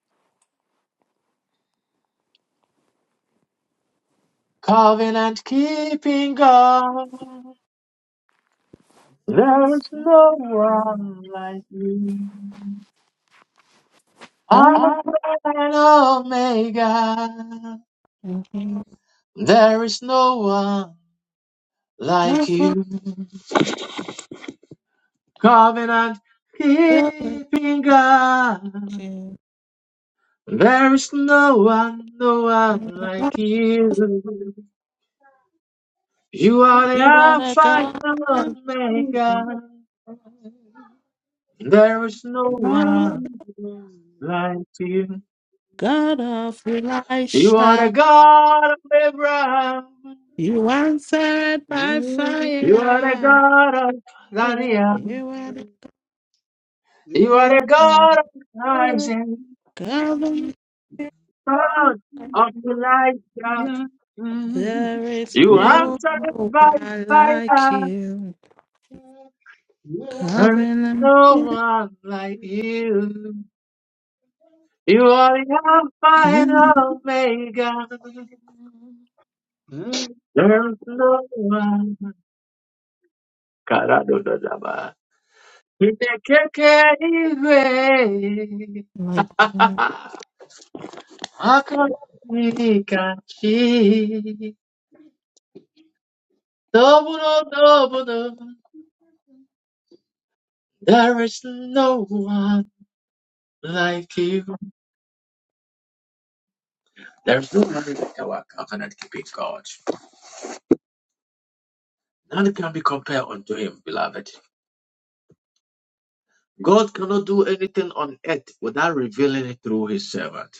Speaker 1: Covenant keeping God. There's
Speaker 4: Amen.
Speaker 1: no one like you.
Speaker 4: Amen.
Speaker 1: Alpha
Speaker 4: Ah,
Speaker 1: and Omega,
Speaker 6: I'm
Speaker 1: there is no one like
Speaker 6: broken.
Speaker 1: you. Covenant keeping God, there is no one, no one like you. You are the
Speaker 6: You are the
Speaker 1: Alpha and
Speaker 6: God of me.
Speaker 1: Omega, there is no
Speaker 6: Oh,
Speaker 1: one like you.
Speaker 6: God of
Speaker 1: You are the
Speaker 6: Elisha.
Speaker 1: God of Abraham,
Speaker 6: You answered by
Speaker 1: you are the
Speaker 6: fire.
Speaker 1: God of Daniel,
Speaker 6: You are the
Speaker 1: you are the
Speaker 6: King.
Speaker 1: God of Isaac.
Speaker 6: God of Israel.
Speaker 1: God of Elijah,
Speaker 6: there is
Speaker 1: you
Speaker 6: no
Speaker 1: answered
Speaker 6: one
Speaker 1: by
Speaker 6: like
Speaker 1: fire,
Speaker 6: you.
Speaker 1: and
Speaker 6: Covenant.
Speaker 1: no one like you. You are the Alpha and
Speaker 6: mm,
Speaker 1: Omega, there's no one. Karadododaba. Kinekekeiwe,
Speaker 6: Like
Speaker 1: Akamanikachi. Double, double, double. There is no one like you. There is no other like our covenant keeping God. None can be compared unto him, beloved. God cannot do anything on earth without revealing it through his servant.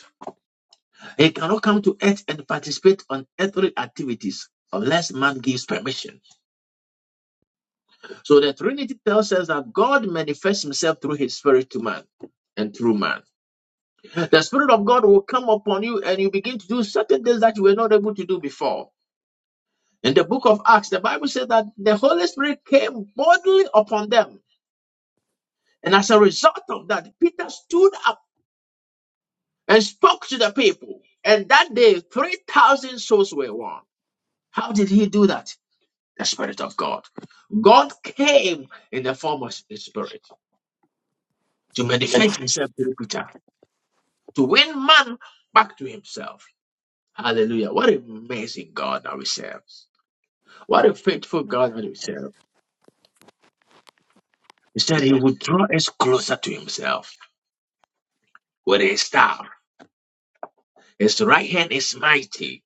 Speaker 1: He cannot come to earth and participate on earthly activities unless man gives permission. So the Trinity tells us that God manifests himself through his spirit to man and through man. The spirit of God will come upon you and you begin to do certain things that you were not able to do before. In the book of Acts, the Bible says that the Holy Spirit came bodily upon them And as a result of that, Peter stood up and spoke to the people. And that day, 3,000 souls were won. How did he do that? The Spirit of God. God came in the form of the Spirit to manifest himself to Peter, to win man back to himself. Hallelujah. What an amazing God that we serve. What a faithful God that we serve. He said he would draw us closer to himself with his staff. His right hand is mighty.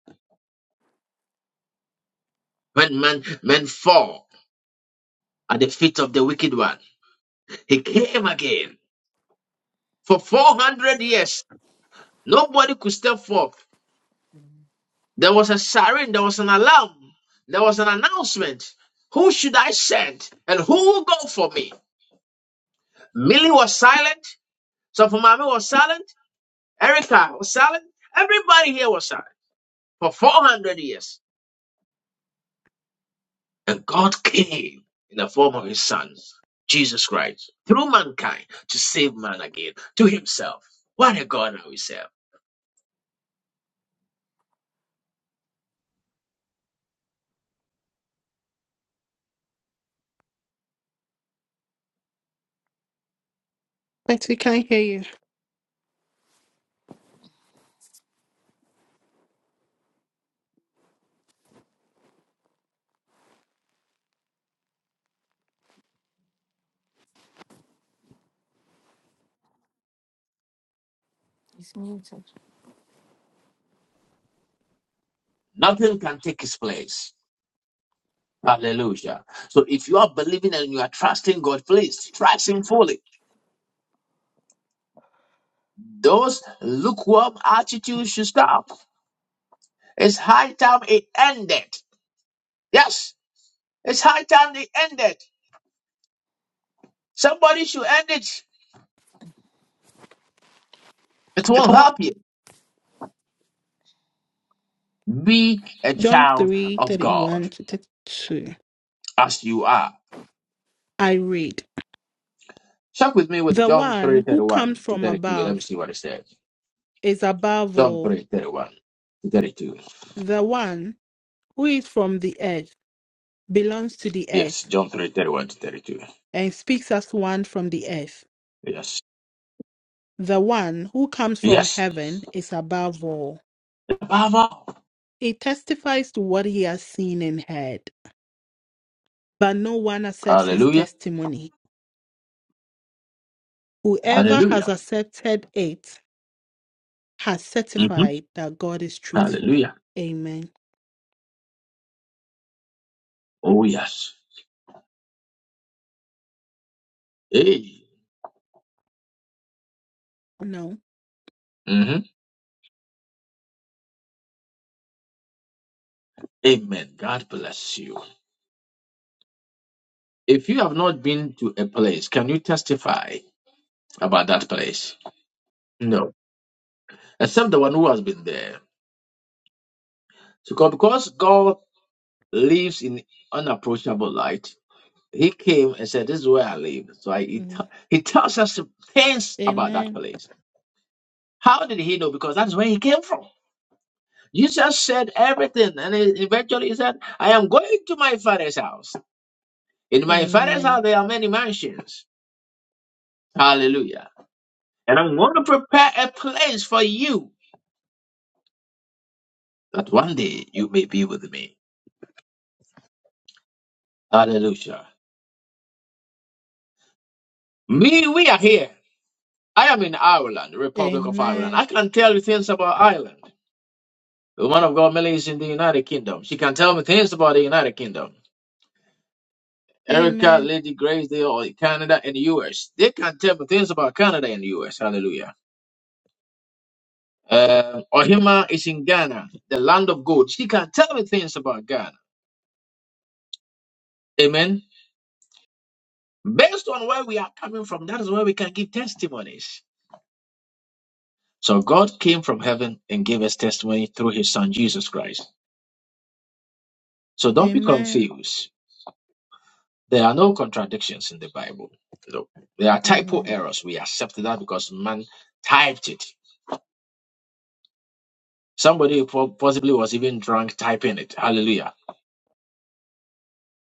Speaker 1: When men, men fall, at the feet of the wicked one. He came again for 400 years. Nobody could step forth. There was a siren, there was an alarm, there was an announcement. Who should I send and who will go for me? Millie was silent, Sofumami was silent, Erica was silent, everybody here was silent for 400 years. And God came in the form of his son, Jesus Christ, through mankind to save man again to himself. What a God are we serve.
Speaker 6: But we can't hear you.
Speaker 4: It's muted.
Speaker 1: Nothing can take his place. Hallelujah. So if you are believing and you are trusting God, please trust him fully. Those lukewarm attitudes should stop. It's high time it ended. Yes, it's high time it ended. Somebody should end it. It won't help you. Be a
Speaker 6: John
Speaker 1: child
Speaker 6: three
Speaker 1: of
Speaker 6: thirty
Speaker 1: God
Speaker 6: one to 32.
Speaker 1: as you are.
Speaker 6: I read,
Speaker 1: Check with me with
Speaker 6: The
Speaker 1: John 3
Speaker 6: one
Speaker 1: thirty
Speaker 6: who comes
Speaker 1: one to
Speaker 6: from
Speaker 1: 32. Let me
Speaker 6: above
Speaker 1: see what it says.
Speaker 6: is above
Speaker 1: John
Speaker 6: all.
Speaker 1: 3 31 to 32.
Speaker 6: The one who is from the earth belongs to the
Speaker 1: Yes,
Speaker 6: earth
Speaker 1: John 3 31 to 32.
Speaker 6: and speaks as one from the earth.
Speaker 1: Yes.
Speaker 6: The one who comes from
Speaker 1: Yes.
Speaker 6: heaven is above all.
Speaker 1: Above all.
Speaker 6: He testifies to what he has seen and heard, but no one accepts his
Speaker 1: Hallelujah.
Speaker 6: testimony. Whoever has
Speaker 1: Hallelujah.
Speaker 6: accepted it has
Speaker 1: hmm
Speaker 6: certified that God is truthful.
Speaker 1: Hallelujah.
Speaker 6: Amen.
Speaker 1: Oh, yes. Hey.
Speaker 6: No.
Speaker 1: hmm Amen. God bless you. If you have not been to a place, can you testify about that place? No. Except the one who has been there. So God- because God lives in unapproachable light, He came and said, This is where I live. So I, he, t-
Speaker 6: Mhm.
Speaker 1: he tells us things about that
Speaker 6: Amen.
Speaker 1: place. How did he know? Because that's where he came from. Jesus said everything, and he- eventually he said, I am going to my father's house. In my father's house,
Speaker 6: Amen.
Speaker 1: there are many mansions. Hallelujah. And I'm going to prepare a place for you that one day you may be with me. Hallelujah. Me, we are here. I am in Ireland, Republic of Ireland.
Speaker 6: Amen.
Speaker 1: I can tell you things about Ireland. The woman of God, Millie, is in the United Kingdom. She can tell me things about the United Kingdom. Erica,
Speaker 6: Amen.
Speaker 1: Lady Grace, they are in Canada and the US. They can tell me things about Canada and the US. Hallelujah. Uh, Ohima is in Ghana, the land of gold. She can tell me things about Ghana. Amen. Based on where we are coming from, that is where we can give testimonies. So God came from heaven and gave us testimony through his son Jesus Christ. So don't be
Speaker 6: Amen.
Speaker 1: confused. There are no contradictions in the Bible. No. There are typo
Speaker 6: Amen.
Speaker 1: errors. We accept that because man typed it. Somebody po- possibly was even drunk typing it. Hallelujah.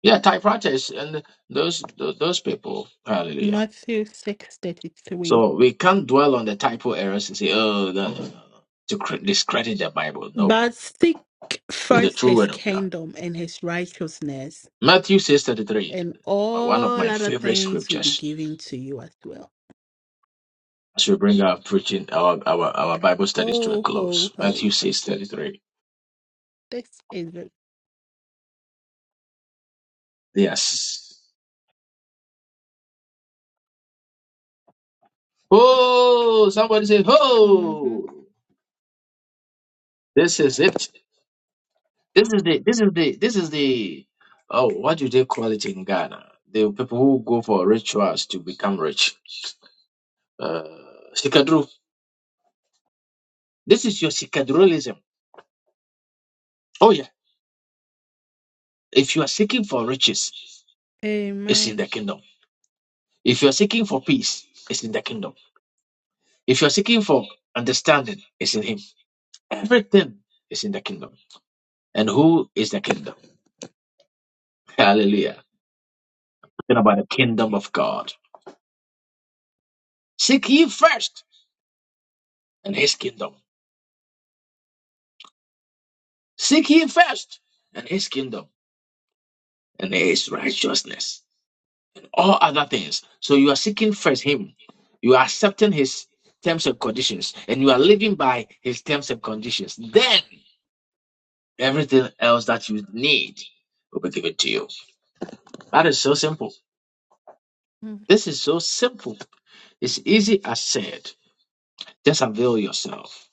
Speaker 1: Yeah, typewriters and those those, those people. Hallelujah.
Speaker 6: Matthew six thirty three.
Speaker 1: So we can't dwell on the typo errors and say, oh, no, no, no, no," to cr- discredit the Bible. No,
Speaker 6: But seek
Speaker 1: it's the
Speaker 6: first
Speaker 1: true
Speaker 6: his
Speaker 1: word of God.
Speaker 6: kingdom and his righteousness,
Speaker 1: Matthew 6.33,
Speaker 6: and
Speaker 1: one of
Speaker 6: all
Speaker 1: my
Speaker 6: other
Speaker 1: favorite
Speaker 6: things will be
Speaker 1: scriptures
Speaker 6: given to you as well.
Speaker 1: as we bring our preaching, our, our, our Bible studies to a
Speaker 6: Ho
Speaker 1: close.
Speaker 6: ho ho.
Speaker 1: Matthew 6.33.
Speaker 6: This is it.
Speaker 1: Yes. Oh, somebody say,
Speaker 6: hmm
Speaker 1: oh, this is it. This is the, this is the, this is the, oh, what do they call it in Ghana? The people who go for rituals to become rich. Uh, This is your secularism. Oh yeah. If you are seeking for riches, it's in
Speaker 6: Amen.
Speaker 1: the kingdom. If you are seeking for peace, it's in the kingdom. If you are seeking for understanding, it's in Him. Everything is in the kingdom. And who is the kingdom? Hallelujah. Talking about the kingdom of God. Seek ye first and His kingdom. Seek ye first and His kingdom and His righteousness all other things. So you are seeking first Him. You are accepting His terms and conditions, and you are living by His terms and conditions. Then everything else that you need will be given to you. That is so simple.
Speaker 6: Mm.
Speaker 1: This is so simple. It's easy as said. Just avail yourself,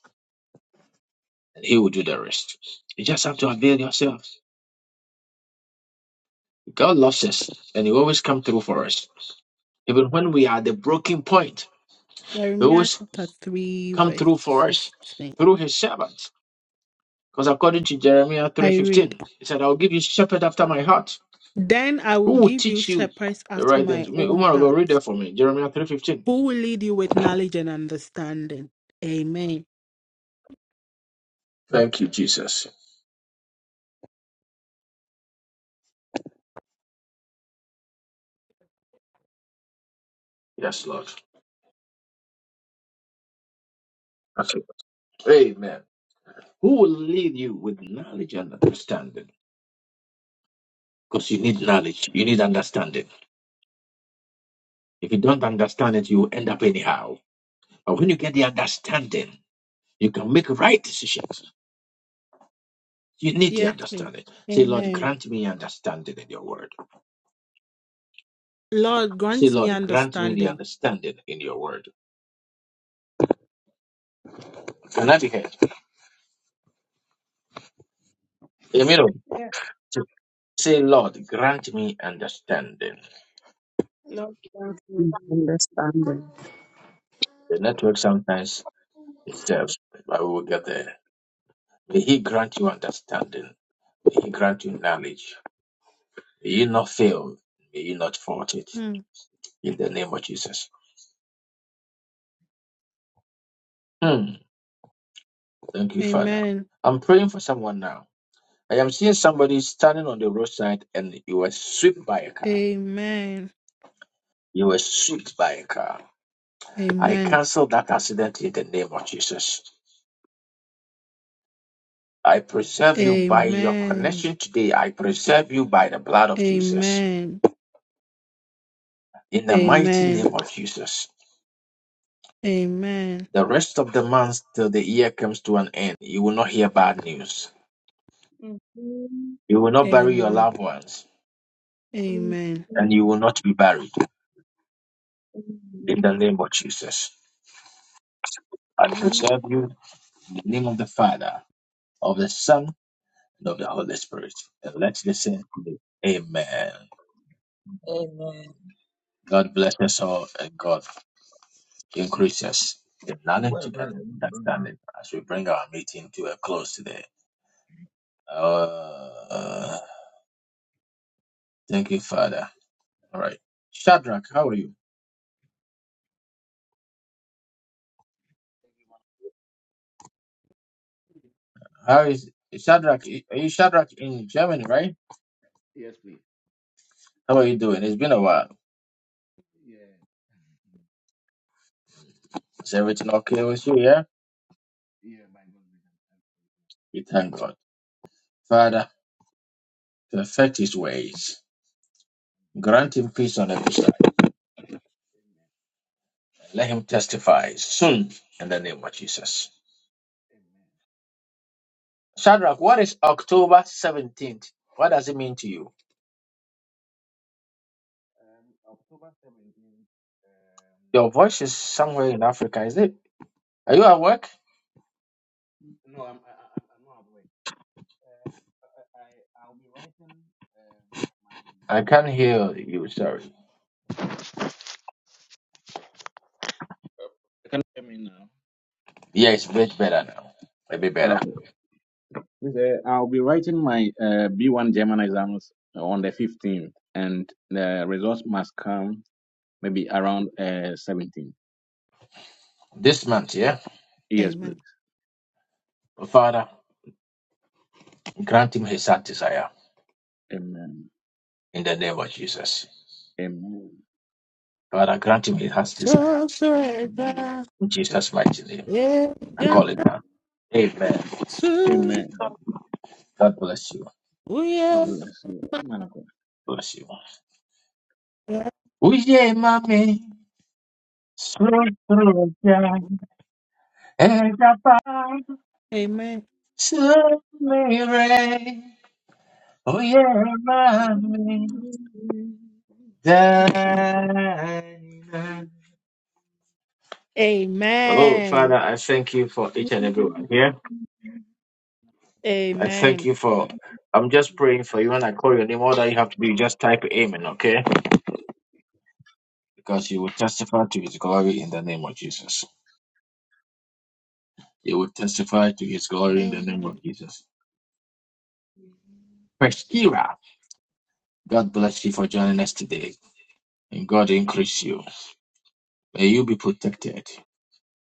Speaker 1: and He will do the rest. You just have to avail yourself. God loves us, and He always come through for us. Even when we are at the broken point, He
Speaker 6: Jeremiah
Speaker 1: always
Speaker 6: chapter three
Speaker 1: come
Speaker 6: verse
Speaker 1: through for us
Speaker 6: fifteen.
Speaker 1: through His servant. Because according to Jeremiah
Speaker 6: I read.
Speaker 1: 3.15, he said, I'll give you shepherd after my heart,
Speaker 6: Then I
Speaker 1: who
Speaker 6: will
Speaker 1: will
Speaker 6: give you
Speaker 1: teach you
Speaker 6: shepherds
Speaker 1: the
Speaker 6: after
Speaker 1: right
Speaker 6: my
Speaker 1: things. Me-
Speaker 6: own
Speaker 1: Woman of God, read
Speaker 6: heart,
Speaker 1: that for me. Jeremiah 3.15.
Speaker 6: who will lead you with knowledge and understanding. Amen.
Speaker 1: Thank you, Jesus. Yes, Lord. Okay. Amen. Who will lead you with knowledge and understanding? Because you need knowledge. You need understanding. If you don't understand it, you will end up anyhow. But when you get the understanding, you can make right decisions. You need the
Speaker 6: Yes, please.
Speaker 1: understanding. Say, Lord,
Speaker 6: Amen.
Speaker 1: grant me understanding in your word.
Speaker 6: Lord,
Speaker 1: Say,
Speaker 6: grant me
Speaker 1: Lord, grant me the
Speaker 6: understanding.
Speaker 1: understanding in your word. Connecticut. Emiro,
Speaker 3: Yeah,
Speaker 1: to say, Lord, grant me understanding.
Speaker 3: Lord,
Speaker 9: and understanding,
Speaker 1: The network sometimes disturbs, but we will get there. May He grant you understanding. May He grant you knowledge. May you not fail. May you not fault it.
Speaker 6: Hmm.
Speaker 1: In the name of Jesus. Hmm. Thank you, Father.
Speaker 6: Amen.
Speaker 1: I'm praying for someone now. I am seeing somebody standing on the roadside and you were swept by a car.
Speaker 6: Amen.
Speaker 1: You were swept by a car. I
Speaker 6: Amen.
Speaker 1: cancel that accident in the name of Jesus. I preserve you by
Speaker 6: Amen.
Speaker 1: your connection today. I preserve you by the blood of Jesus.
Speaker 6: Amen.
Speaker 1: In the mighty
Speaker 6: Amen.
Speaker 1: name of Jesus.
Speaker 6: Amen.
Speaker 1: The rest of the month till the year comes to an end, you will not hear bad news.
Speaker 3: thank you.
Speaker 1: You will not bury your
Speaker 6: Amen.
Speaker 1: loved ones,
Speaker 3: Amen.
Speaker 6: Amen.
Speaker 1: and you will
Speaker 3: Amen.
Speaker 1: not be buried. In the name of Jesus. I preserve
Speaker 3: Amen.
Speaker 1: you in the name of the Father, of the Son, and of the Holy Spirit. And let's listen. Amen.
Speaker 7: Amen.
Speaker 1: God bless us all and God increase us in knowledge and understanding as we bring our meeting to a close today. Uh, thank you, Father. All right. Shadrach, how are you? How is Shadrach? Are you Shadrach in Germany, right?
Speaker 10: Yes, please.
Speaker 1: How are you doing? It's been a while.
Speaker 10: Yeah.
Speaker 1: Is everything
Speaker 10: I'm
Speaker 1: okay
Speaker 10: doing
Speaker 1: with
Speaker 10: good.
Speaker 1: you? Yeah?
Speaker 10: Yeah, by God's grace. I'm thankful.
Speaker 1: We thank God. Father, perfect his ways. Grant him peace on every side.
Speaker 10: Amen.
Speaker 1: Let him testify soon in the name of Jesus.
Speaker 10: Amen.
Speaker 1: Shadrach, what is October 17th? What does it mean to you?
Speaker 10: Um, October 17th, um,
Speaker 1: Your voice is
Speaker 10: I'll be,
Speaker 1: somewhere in Africa. Is it? Are you at work?
Speaker 10: no, I'm, I, I- I'm, I'm not at work. Um, I, I, I'll be writing, um, my
Speaker 1: I can't hear
Speaker 10: B1.
Speaker 1: you. Sorry.
Speaker 10: Can you hear me now?
Speaker 1: Yeah, it's a bit better now. A bit better.
Speaker 10: Okay. Please, uh, I'll be writing my uh, B1 German exams on the 15th, and the results must come maybe around uh, 17.
Speaker 1: This month, yeah.
Speaker 10: Yes,
Speaker 6: Amen.
Speaker 10: please.
Speaker 1: Father, grant him his heart desire
Speaker 10: Amen.
Speaker 1: in the name of Jesus.
Speaker 10: Amen.
Speaker 1: Father, grant him his heart's desire
Speaker 6: So
Speaker 10: Amen.
Speaker 6: surrender.
Speaker 1: in Jesus' mighty name.
Speaker 6: Yeah,
Speaker 1: I call
Speaker 6: jump
Speaker 1: it down.
Speaker 10: Amen.
Speaker 1: Amen.
Speaker 6: to.
Speaker 10: Amen.
Speaker 1: God bless you.
Speaker 6: Oh,
Speaker 10: God
Speaker 6: yeah.
Speaker 10: bless you. Man of God.
Speaker 1: Bless you.
Speaker 6: Yeah.
Speaker 1: Uye mami, srotroja, egapa,
Speaker 6: Amen.
Speaker 1: sumire. Uye mami. Oh,
Speaker 6: Okay.
Speaker 1: Father,
Speaker 6: Amen.
Speaker 1: I thank you for each and everyone here. I thank
Speaker 6: Amen.
Speaker 1: you for. I'm just praying for you. When I call your name, all that you have to do, just type Amen, okay? Because you will testify to His glory in the name of Jesus. You will testify to His glory in the name
Speaker 6: Amen.
Speaker 1: of Jesus. Preskira, God bless you for joining us today, and God increase you. May you be protected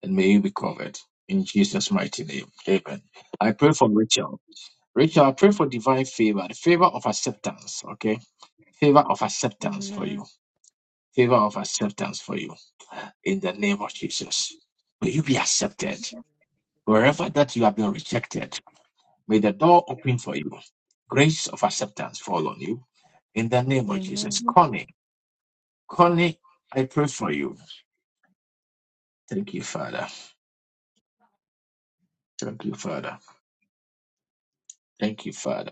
Speaker 1: and may you be covered in Jesus' mighty name. Amen. I pray for Rachel. Rachel, I pray for divine favor, the favor of acceptance, okay? Favor of acceptance for you.
Speaker 6: Amen.
Speaker 1: Favor of acceptance for you. In the name of Jesus. May you be accepted. Wherever that you have been rejected, may the door open for you. Grace of acceptance fall on you. In the name of Jesus.
Speaker 6: Amen.
Speaker 1: Connie, Connie, I pray for you. Thank you, Father. Thank you, Father. Thank you, Father.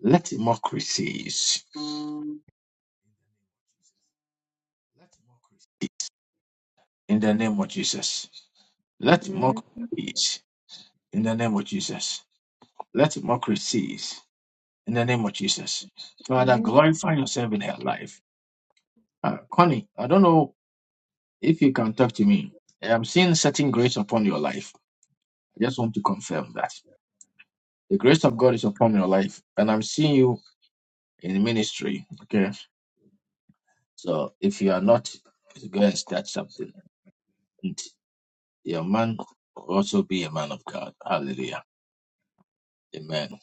Speaker 1: Let mockry cease. In the name of Jesus. Let mockry cease. in the name of Jesus. Let mockery cease in the name of Jesus. Father, glorify yourself in her life. Uh, Connie, I don't know if you can talk to me. I'm seeing certain grace upon your life. I just want to confirm that the grace of God is upon your life, and I'm seeing you in ministry. Okay, so if you are not, go and start something, and your man will also be a man of God. Hallelujah. Amen.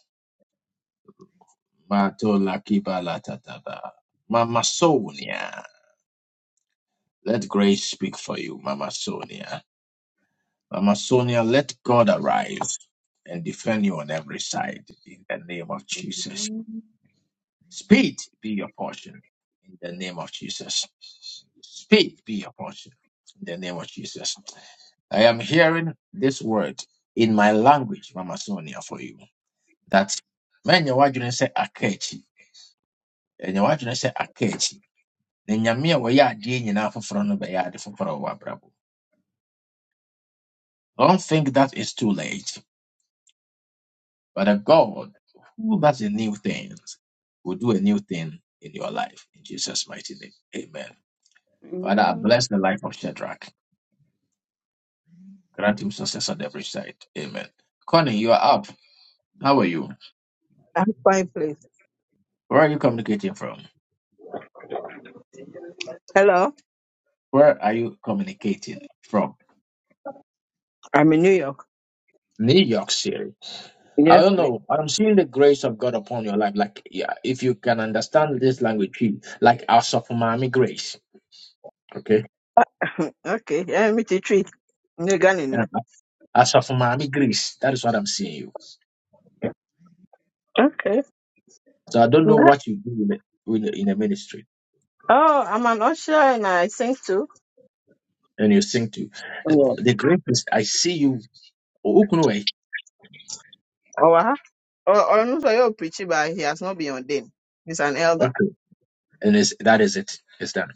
Speaker 1: Mato lakiba latataba. Mama Sonia. Let grace speak for you, Mama Sonia. Mama Sonia, let God arise and defend you on every side in the name of Jesus. Speed be your portion in the name of Jesus. Speed be your portion in the name of Jesus. I am hearing this word in my language, Mama Sonia, for you. That man, your wife didn't say akechi, and your wife didn't say akechi. Then your mere way, yeah, Jane, you know, for front of the yard, for I don't think that is too late. But a God who does a new thing will do a new thing in your life. In Jesus' mighty name. Amen. Father, I bless the life of Shadrach. Grant him success on every side. Amen. Connie, you are up. How are you?
Speaker 11: I'm fine, please.
Speaker 1: Where are you communicating from?
Speaker 11: Hello,
Speaker 1: Where are you communicating from?
Speaker 11: I'm in New York.
Speaker 1: New York City. I
Speaker 11: Yes,
Speaker 1: don't
Speaker 11: please.
Speaker 1: know. I'm seeing the grace of God upon your life. Like, yeah, if you can understand this language, like our Mami grace. Okay.
Speaker 11: Okay, yeah, me the treat. New Galilee.
Speaker 1: As of Mommy Grace, that is what I'm seeing you.
Speaker 11: Okay.
Speaker 1: So I don't know
Speaker 11: Yeah.
Speaker 1: what you do in a, in a, in a ministry
Speaker 11: Oh, I'm an usher and I sing too.
Speaker 1: and you sing to. uh,
Speaker 11: Yeah.
Speaker 1: The grace is I see you. Okunuwe.
Speaker 11: Oh, uh-huh. oh, oh, no, so you're preaching, but he has not been ordained. He's an elder.
Speaker 1: Okay. And is that is it. It's done.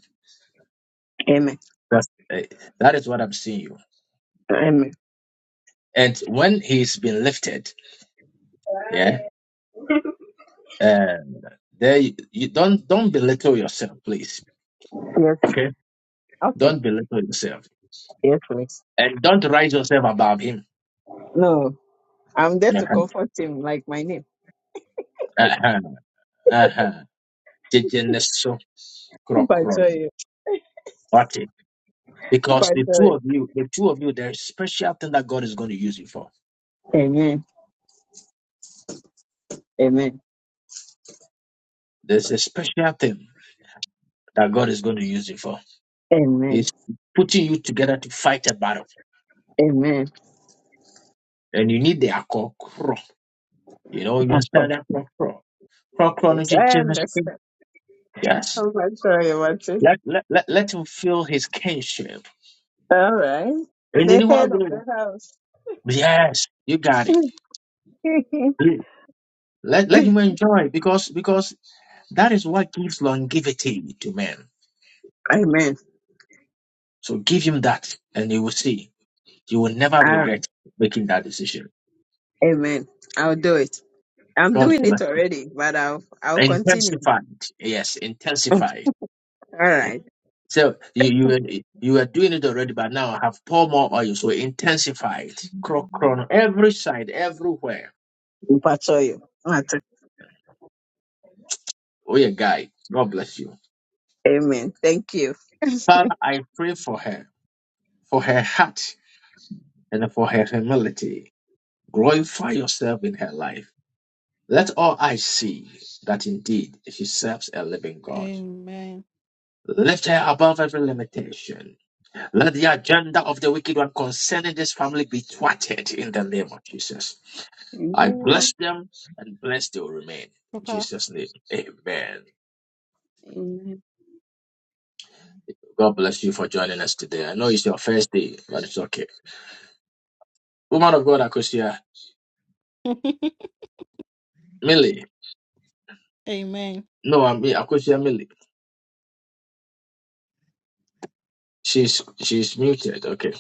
Speaker 11: Amen.
Speaker 1: That's, eh, that is what I'm seeing you.
Speaker 11: Amen.
Speaker 1: And when he's been lifted, yeah, um, there you, you don't don't belittle yourself, please.
Speaker 11: Yes.
Speaker 1: Okay.
Speaker 11: Okay.
Speaker 1: Don't belittle yourself.
Speaker 11: Yes, please.
Speaker 1: And don't rise yourself above him.
Speaker 11: No, I'm there to
Speaker 1: Uh-huh.
Speaker 11: comfort him, like my name.
Speaker 1: Uh-huh. Uh-huh. Jejeneso
Speaker 11: Super
Speaker 1: krokron.
Speaker 11: joy.
Speaker 1: Because
Speaker 11: Super
Speaker 1: the
Speaker 11: joy.
Speaker 1: two of you, the two of you, there's special thing that God is going to use you for.
Speaker 11: Amen. Amen.
Speaker 1: There's a special thing that God is going to use you for.
Speaker 11: Amen.
Speaker 1: He's putting you together to fight a battle.
Speaker 11: Amen.
Speaker 1: And you need the akokro. You know, you
Speaker 11: Comfort
Speaker 1: understand akokro.
Speaker 11: Yes,
Speaker 1: Chronology,
Speaker 11: I understand.
Speaker 1: Yes.
Speaker 11: I'm not sorry about it.
Speaker 1: Let, let, let, let him feel his kinship.
Speaker 11: All right.
Speaker 1: And you
Speaker 11: The
Speaker 1: know what I'm
Speaker 11: head
Speaker 1: going
Speaker 11: of
Speaker 1: to do?
Speaker 11: the house.
Speaker 1: Yes, you got it. Let, let him enjoy because because that is what gives longevity to men.
Speaker 11: amen.
Speaker 1: So give him that and you will see. You will never
Speaker 11: Ah,
Speaker 1: regret making that decision.
Speaker 11: amen. I'll do it. I'm
Speaker 1: God
Speaker 11: doing it
Speaker 1: bless you.
Speaker 11: already, but I'll I'll continue.
Speaker 1: Intensified. Yes,
Speaker 11: All
Speaker 1: intensified.
Speaker 11: right.
Speaker 1: So you you were, you were doing it already, but now I have poured more oil, so intensified. Cro- Crown every side, everywhere.
Speaker 11: Mpacho yo.
Speaker 1: Oh yeah, guy. God bless you.
Speaker 11: Amen. Thank you.
Speaker 1: Father, I pray for her, for her heart, and for her humility. Glorify yourself in her life. Let all eyes see that indeed she serves a living God.
Speaker 6: Amen.
Speaker 1: Lift her above every limitation Let the agenda of the wicked one concerning this family be thwarted in the name of Jesus. I
Speaker 3: Amen.
Speaker 1: bless them and bless they will remain. In
Speaker 6: Papa.
Speaker 1: Jesus' name, amen. God bless you for joining us today. I know it's your first day, but it's okay. Woman of God, Akosia Millie.
Speaker 6: Amen.
Speaker 1: No, I mean Akosia Millie. She's she's muted. Okay.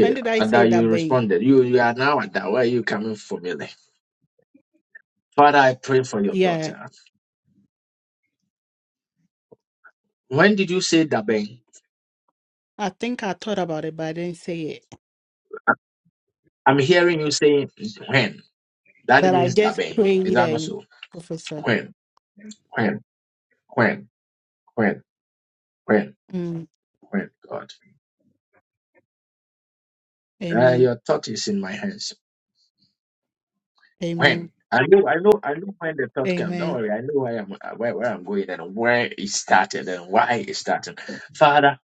Speaker 6: When did I say
Speaker 1: Ada,
Speaker 6: that,
Speaker 1: you
Speaker 6: babe?
Speaker 1: responded. You you are now Ada. Where are you coming from, Millie? Father, I pray for your
Speaker 6: Yeah.
Speaker 1: daughter. When did you say Dabeng?
Speaker 6: I think I thought about it, but I didn't say it.
Speaker 1: I'm hearing you saying when. That
Speaker 6: But I
Speaker 1: means
Speaker 6: just
Speaker 1: dabeng. Is
Speaker 6: prayed
Speaker 1: that not
Speaker 6: and
Speaker 1: so?
Speaker 6: professor.
Speaker 1: When, when, when, when, when,
Speaker 6: Mm.
Speaker 1: when, God. Uh,
Speaker 6: Amen.
Speaker 1: your thought is in my hands.
Speaker 6: Amen.
Speaker 1: When. I know, I know, I know when the thought comes. Don't
Speaker 6: Amen.
Speaker 1: worry, I know where I'm, uh, where, where I'm going and where it started and why it started. Father,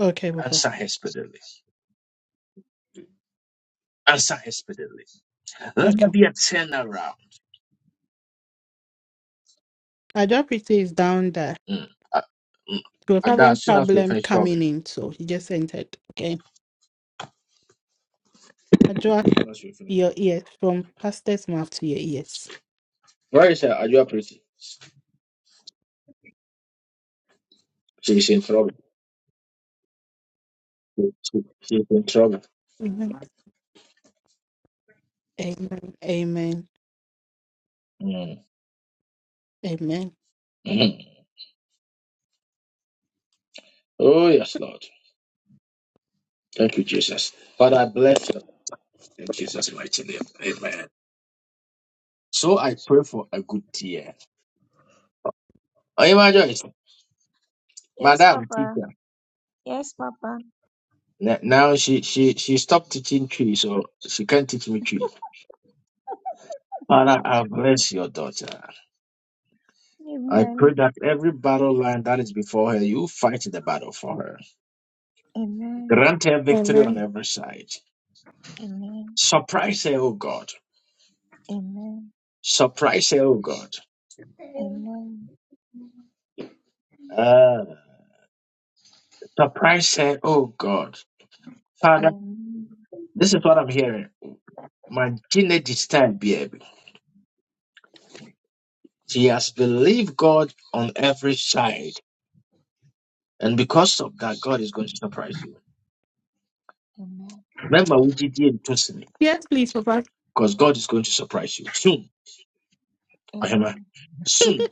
Speaker 6: Okay, Papa.
Speaker 1: answer her speedily. Answer her speedily. Let there
Speaker 6: Okay.
Speaker 1: be a turnaround.
Speaker 6: I drop it is down there.
Speaker 1: Mm. Uh, mm.
Speaker 6: She was
Speaker 1: And that,
Speaker 6: having
Speaker 1: as soon as we
Speaker 6: problem
Speaker 1: finish, call me.
Speaker 6: coming in, so she just entered. Okay. I draw
Speaker 1: As soon as we finish,
Speaker 6: your
Speaker 1: call me.
Speaker 6: ears from pastor's mouth to your ears.
Speaker 1: Where is her? Are you operating? She's in trouble. She- she- She's in trouble.
Speaker 6: Amen. Amen.
Speaker 1: Mm.
Speaker 6: Amen. Amen.
Speaker 1: Oh, yes, Lord. Thank you, Jesus. Father, I bless you in Jesus' mighty name. Amen. So I pray for a good year. Oh, imagine Joyce,
Speaker 7: Yes,
Speaker 1: Madam
Speaker 7: Papa.
Speaker 1: teacher.
Speaker 7: Yes, Papa.
Speaker 1: n- Now she she she stopped teaching tree, so she can't teach me tree. Father, I bless your daughter. I
Speaker 7: Amen.
Speaker 1: pray that every battle line that is before her, you fight the battle for her.
Speaker 7: Amen.
Speaker 1: Grant her victory on
Speaker 6: Amen.
Speaker 1: every side.
Speaker 7: Amen.
Speaker 1: Surprise her, oh God.
Speaker 7: Amen.
Speaker 1: Surprise her, oh God.
Speaker 7: Amen.
Speaker 1: Uh, surprise her, oh God.
Speaker 7: Amen.
Speaker 1: This is what I'm hearing. Magine this time, baby. She has believed God on every side. And because of that, God is going to surprise you.
Speaker 7: Amen.
Speaker 1: Remember, we did it because
Speaker 6: Yes, please, Papa.
Speaker 1: God is going to surprise you soon. Ahema.
Speaker 7: Amen.
Speaker 1: Soon,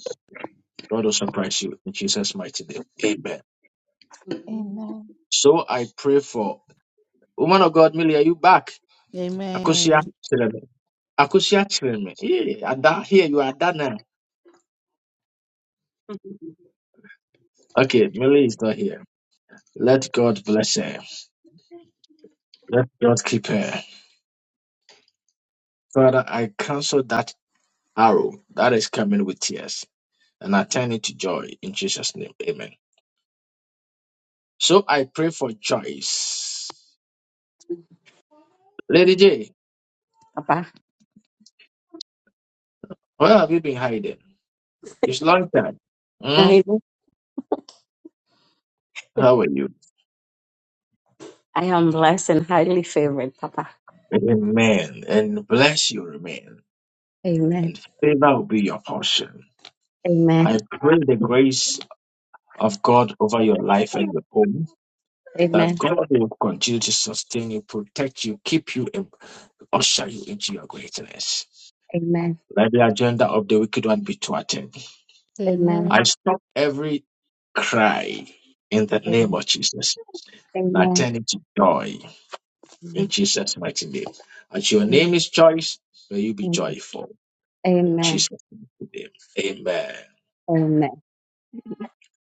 Speaker 1: God will surprise you in Jesus' mighty name. Amen.
Speaker 7: Amen.
Speaker 1: So I pray for woman of God, Millie, are you back? Akusia
Speaker 6: Amen.
Speaker 1: Chileme. Akusia Chileme. Yeah, Ada, here you are, Ada now. Okay, Millie is not here. Let God bless her. Let God keep her. Father, I cancel that arrow that is coming with tears and I turn it to joy in Jesus' name. Amen. So I pray for Joyce. Lady J,
Speaker 9: Papa.
Speaker 1: where have you been hiding? It's long time. Hmm?
Speaker 9: I, know
Speaker 1: How are you?
Speaker 9: I am blessed and highly favored, Papa.
Speaker 1: Amen. And bless you remain.
Speaker 9: Amen.
Speaker 1: And favor will be your portion.
Speaker 9: Amen.
Speaker 1: I pray the grace of God over your life and your home, that
Speaker 9: Amen. Amen.
Speaker 1: God will continue to sustain you, protect you, keep you, and usher you into your greatness.
Speaker 9: Amen.
Speaker 1: Let the agenda of the wicked one be thwarted.
Speaker 9: Amen.
Speaker 1: I
Speaker 6: Amen.
Speaker 1: stop every cry in the name of Jesus and I
Speaker 9: Amen.
Speaker 1: turn it to joy in Jesus' mighty name. As your
Speaker 9: Amen.
Speaker 1: name is choice, may you be
Speaker 9: Amen.
Speaker 1: joyful in
Speaker 9: Amen.
Speaker 1: Jesus' name. Amen.
Speaker 9: Amen.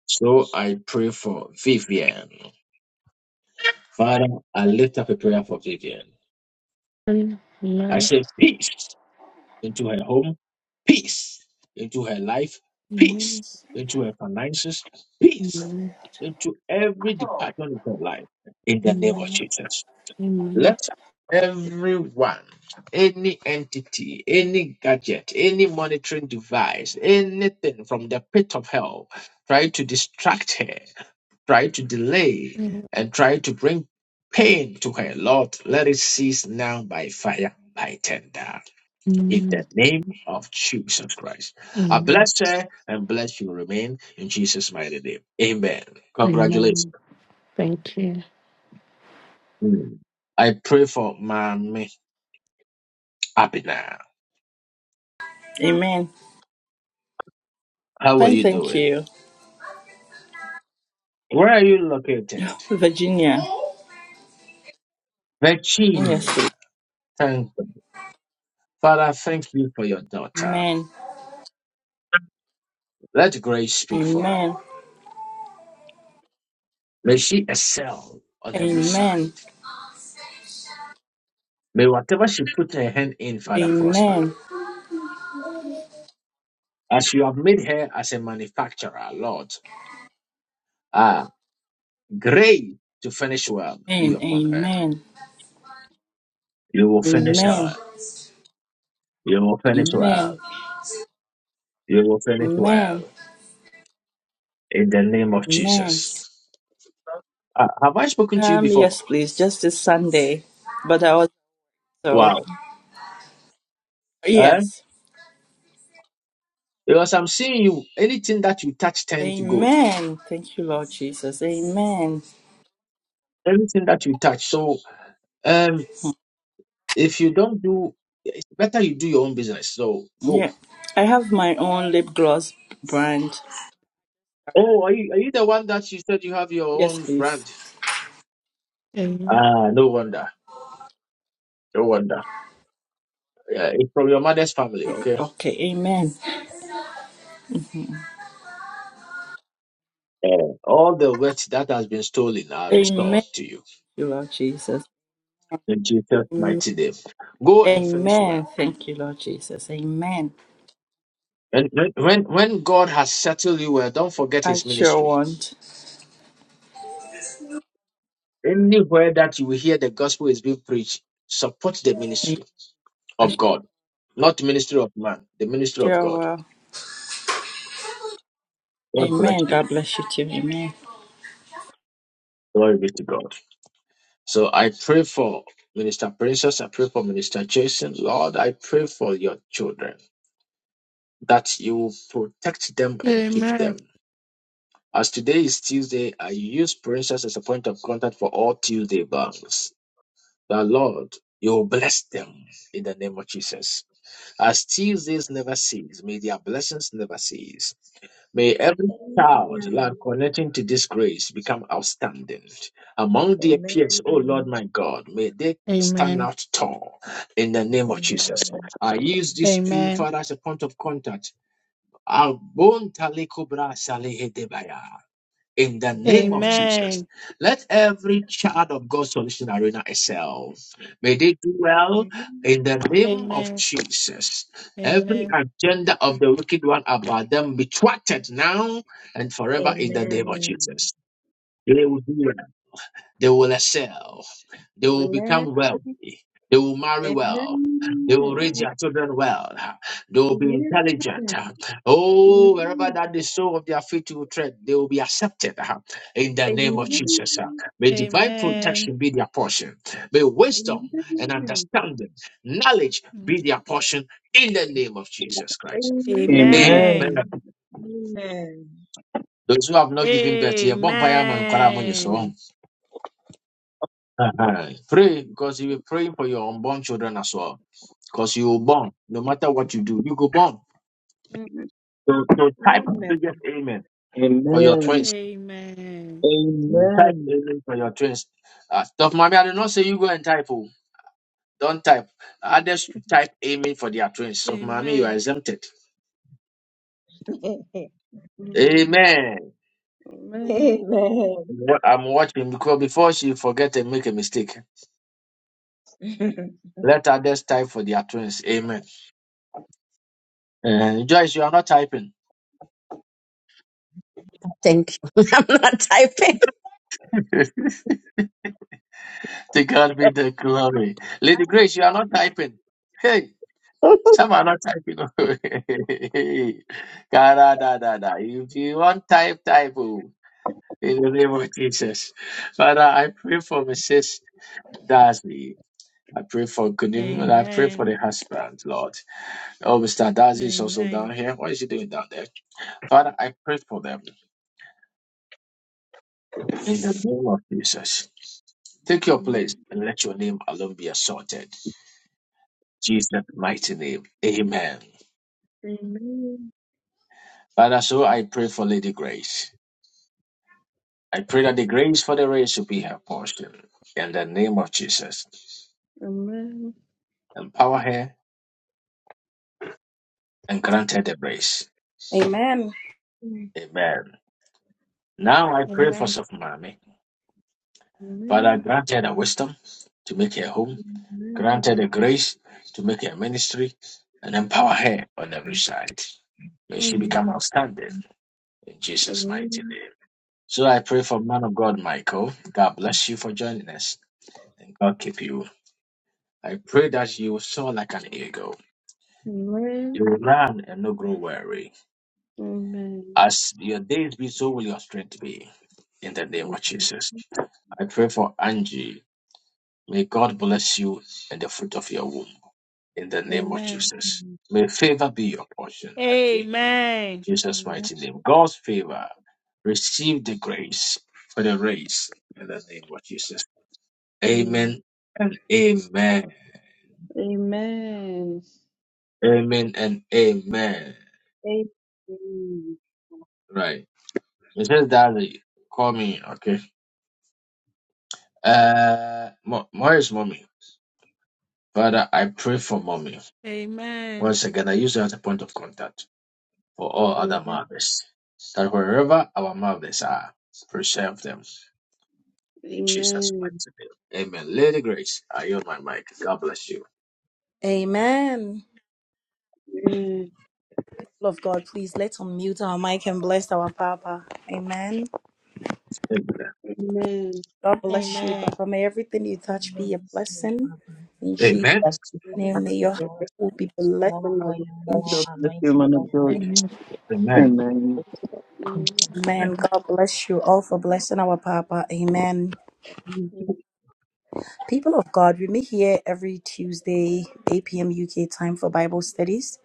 Speaker 1: So I pray for Vivian. Father, I lift up a prayer for Vivian.
Speaker 5: Amen.
Speaker 1: I
Speaker 5: Amen. Amen.
Speaker 1: say, peace. into her home, peace, into her life, peace, into her finances, peace, into every
Speaker 5: Amen.
Speaker 1: department of her life, in the name of
Speaker 5: Amen.
Speaker 1: Jesus.
Speaker 5: Amen.
Speaker 1: Let everyone, any entity, any gadget, any monitoring device, anything from the pit of hell, try to distract her, try to delay,
Speaker 6: Amen.
Speaker 1: and try to bring pain to her, Lord, let it cease now by fire, by tender
Speaker 5: Amen.
Speaker 1: in the name of Jesus Christ. I
Speaker 5: Amen.
Speaker 1: bless her and bless you remain in Jesus' mighty name. Amen. Congratulations.
Speaker 5: Amen. Thank you.
Speaker 1: Mm. I pray for Mommy Abina.
Speaker 12: Amen.
Speaker 1: How are
Speaker 12: Fine,
Speaker 1: you
Speaker 12: thank
Speaker 1: doing?
Speaker 12: you.
Speaker 1: Where are you located?
Speaker 12: Virginia. Yes, please.
Speaker 1: Virginia. Thank you. Father, thank you for your daughter.
Speaker 12: Amen.
Speaker 1: Let grace speak for
Speaker 12: Amen.
Speaker 1: her. May she excel on every side.
Speaker 12: Amen.
Speaker 1: May whatever she put her hand in, Father, prosper.
Speaker 12: Amen.
Speaker 1: As you have made her as a manufacturer, Lord. Grace to finish well
Speaker 12: Amen.
Speaker 1: be upon her.
Speaker 12: Amen.
Speaker 1: You will finish
Speaker 12: Amen.
Speaker 1: well. You will finish
Speaker 12: Amen.
Speaker 1: well. You will finish
Speaker 12: Amen.
Speaker 1: well. In the name of
Speaker 12: Amen.
Speaker 1: Jesus. Uh, have I spoken to you
Speaker 12: Um,
Speaker 1: before?
Speaker 12: yes, please. Just this Sunday. But I also
Speaker 1: Wow. Eh?
Speaker 12: yes.
Speaker 1: Because I'm seeing you, anything that you touch turns to gold.
Speaker 12: Amen. Thank you, Lord Jesus. Amen.
Speaker 1: Everything that you touch. So um, if you don't do, it's better you do your own business. So go.
Speaker 12: Yeah. I have my own lip gloss brand.
Speaker 1: Oh, are you, are you the one that you said you have your
Speaker 12: Yes,
Speaker 1: own
Speaker 12: please.
Speaker 1: brand?
Speaker 6: Amen.
Speaker 1: Ah, no wonder. No wonder. Yeah, it's from your mother's family, okay?
Speaker 12: Okay. Amen.
Speaker 1: And all the wealth that has been stolen are
Speaker 12: Amen.
Speaker 1: restored
Speaker 12: Thank
Speaker 1: to you.
Speaker 12: you, Lord Jesus.
Speaker 1: In Jesus' mighty name. Go and finish well.
Speaker 12: Amen. Thank you, Lord Jesus. Amen.
Speaker 1: And when, when, when God has settled you well, don't forget
Speaker 12: I
Speaker 1: his
Speaker 12: sure
Speaker 1: ministry.
Speaker 12: want.
Speaker 1: Anywhere that you will hear the gospel is being preached, support the ministry
Speaker 12: I
Speaker 1: of God. Not the ministry of man, the ministry of
Speaker 12: sure
Speaker 1: God.
Speaker 12: will.
Speaker 1: God bless
Speaker 12: Amen.
Speaker 1: you.
Speaker 12: God bless you too. Amen.
Speaker 1: Glory be to God. So I pray for Minister Princess. I pray for Minister Jason. Lord, I pray for your children that you will protect them and keep them As today is Tuesday, I use princess as a point of contact for all Tuesday banks. The Lord, you will bless them in the name of Jesus. As Tuesdays never cease, may their blessings never cease. May every child, Lord, connecting to this grace become outstanding. Among their peers,
Speaker 7: Amen.
Speaker 1: oh Lord
Speaker 7: Amen.
Speaker 1: my God, may they stand
Speaker 6: Amen. Amen.
Speaker 1: out tall in the name of Jesus.
Speaker 7: Amen.
Speaker 1: I use these two, Father, as a point of contact. Abontalekobra salehedebaya in the name of
Speaker 7: Amen.
Speaker 1: Jesus.
Speaker 6: Amen.
Speaker 1: Let every child of God's Solution Arena excel. May they do well in the name of
Speaker 6: Amen. Amen.
Speaker 1: Jesus. Every agenda of the wicked one about them be thwarted now and forever in the name of
Speaker 7: Amen.
Speaker 1: Jesus. They will do well. They will excel. They will become wealthy. They will marry well. They will raise their children well. They will be intelligent. Oh, wherever that the sole of their feet will tread, they will be accepted uh, in the name of
Speaker 7: Amen.
Speaker 1: Jesus. uh.
Speaker 6: Amen.
Speaker 1: May divine
Speaker 7: Amen.
Speaker 6: Amen.
Speaker 1: protection be their portion. May wisdom and understanding, knowledge be their portion in the name of Jesus Christ.
Speaker 13: Amen.
Speaker 6: Amen.
Speaker 1: Amen.
Speaker 7: Amen.
Speaker 1: Those who have not given birth, yeah, bumpire man, kwara mo nyeso.
Speaker 6: Amen.
Speaker 1: Uh-huh. Pray because you be praying for your unborn children as well. Because you were born, no matter what you do, you go born. So, so type biggest
Speaker 7: Amen.
Speaker 1: amen for your
Speaker 13: Amen.
Speaker 1: twins.
Speaker 6: Amen.
Speaker 1: Mm, Type
Speaker 13: Amen.
Speaker 1: amen for your twins. Uh, Stop, mommy. I did not say you go and type. Oh, don't type. Others should type amen for their twins. Stop, mommy. You are
Speaker 6: Amen.
Speaker 1: exempted. Amen.
Speaker 7: Amen.
Speaker 1: What I'm watching because before she forget and make a mistake,
Speaker 7: Amen.
Speaker 1: let others type for their twins. Amen. Uh, Joyce, you are not typing.
Speaker 9: Thank you. I'm not typing.
Speaker 1: To God be the glory. Lady Grace, you are not typing. Hey, some are not typing. Kara da da da. If you want type, type. oh. In the name of Jesus. Father, I pray for Mrs. Darcy. I pray for Kunim and I pray for
Speaker 6: Amen.
Speaker 1: the husband, Lord. Oh, Mr. Darcy is also down
Speaker 6: Amen.
Speaker 1: here. What is he doing down there? Father, I pray for them. In the name of Jesus. Take your place and let your name alone be assorted. Jesus' mighty name. Amen.
Speaker 3: Amen.
Speaker 1: Father, so I pray for Lady Grace. I pray that the grace for the race will be her portion. In the name of Jesus,
Speaker 3: Amen.
Speaker 1: empower her and grant her the grace.
Speaker 3: Amen.
Speaker 1: Amen. Now I
Speaker 6: Amen.
Speaker 1: pray for
Speaker 6: Amen.
Speaker 3: Amen.
Speaker 1: Sofumami. Father,
Speaker 3: Amen.
Speaker 1: grant her the wisdom to make her home, grant her
Speaker 3: Amen.
Speaker 1: the grace to make her ministry, and empower her on every side. May she
Speaker 3: Amen.
Speaker 1: become outstanding in Jesus' mighty
Speaker 3: Amen.
Speaker 1: name. So I pray for man of God, Michael. God bless you for joining us, and God keep you. I pray that you will soar like an eagle. You will run and not grow weary.
Speaker 3: Amen. Amen. Amen.
Speaker 1: As your days be, so will your strength be. In the name of Jesus. I pray for Angie. May God bless you and the fruit of your womb. In the name of Jesus. May favor be your portion,
Speaker 6: Amen.
Speaker 1: Angie. In
Speaker 6: Amen.
Speaker 1: Jesus' mighty name. God's favor. Receive the grace for the race. In the name of Jesus.
Speaker 3: Amen.
Speaker 1: Amen and amen.
Speaker 3: Amen.
Speaker 1: Amen and amen. Right. It's just that call me, okay? Uh, Mo- Mo is mommy. Father, I pray for mommy.
Speaker 6: Amen.
Speaker 1: Once again, I use her as a point of contact for all other
Speaker 3: Amen.
Speaker 1: mothers. That wherever our mothers are, preserve them.
Speaker 3: Amen. Amen. Amen.
Speaker 1: In Jesus' mighty name. Amen. Lady Grace, I yield my mic. God bless you.
Speaker 2: Amen. People Of God, please let's unmute our mic and bless our Papa. Amen.
Speaker 1: Amen.
Speaker 2: God bless you,
Speaker 6: Amen.
Speaker 2: Papa. May everything you touch be a
Speaker 7: So,
Speaker 2: blessing.
Speaker 7: Father,
Speaker 2: In Jesus'
Speaker 1: Amen.
Speaker 9: Bless you,
Speaker 2: name, may your heart
Speaker 7: More,
Speaker 2: will be blessed.
Speaker 7: more oil,
Speaker 2: In
Speaker 9: Papa.
Speaker 7: more
Speaker 13: God
Speaker 2: Jesus'
Speaker 13: bless you,
Speaker 7: anointing
Speaker 13: man
Speaker 7: in
Speaker 13: of
Speaker 7: your
Speaker 13: God.
Speaker 5: Give
Speaker 2: name.
Speaker 7: head.
Speaker 5: me a
Speaker 1: Amen.
Speaker 13: Amen.
Speaker 5: confession.
Speaker 2: Amen. God bless you all for blessing our Papa. Amen. People of God, we meet here every Tuesday, 8 p.m. UK time for Bible studies.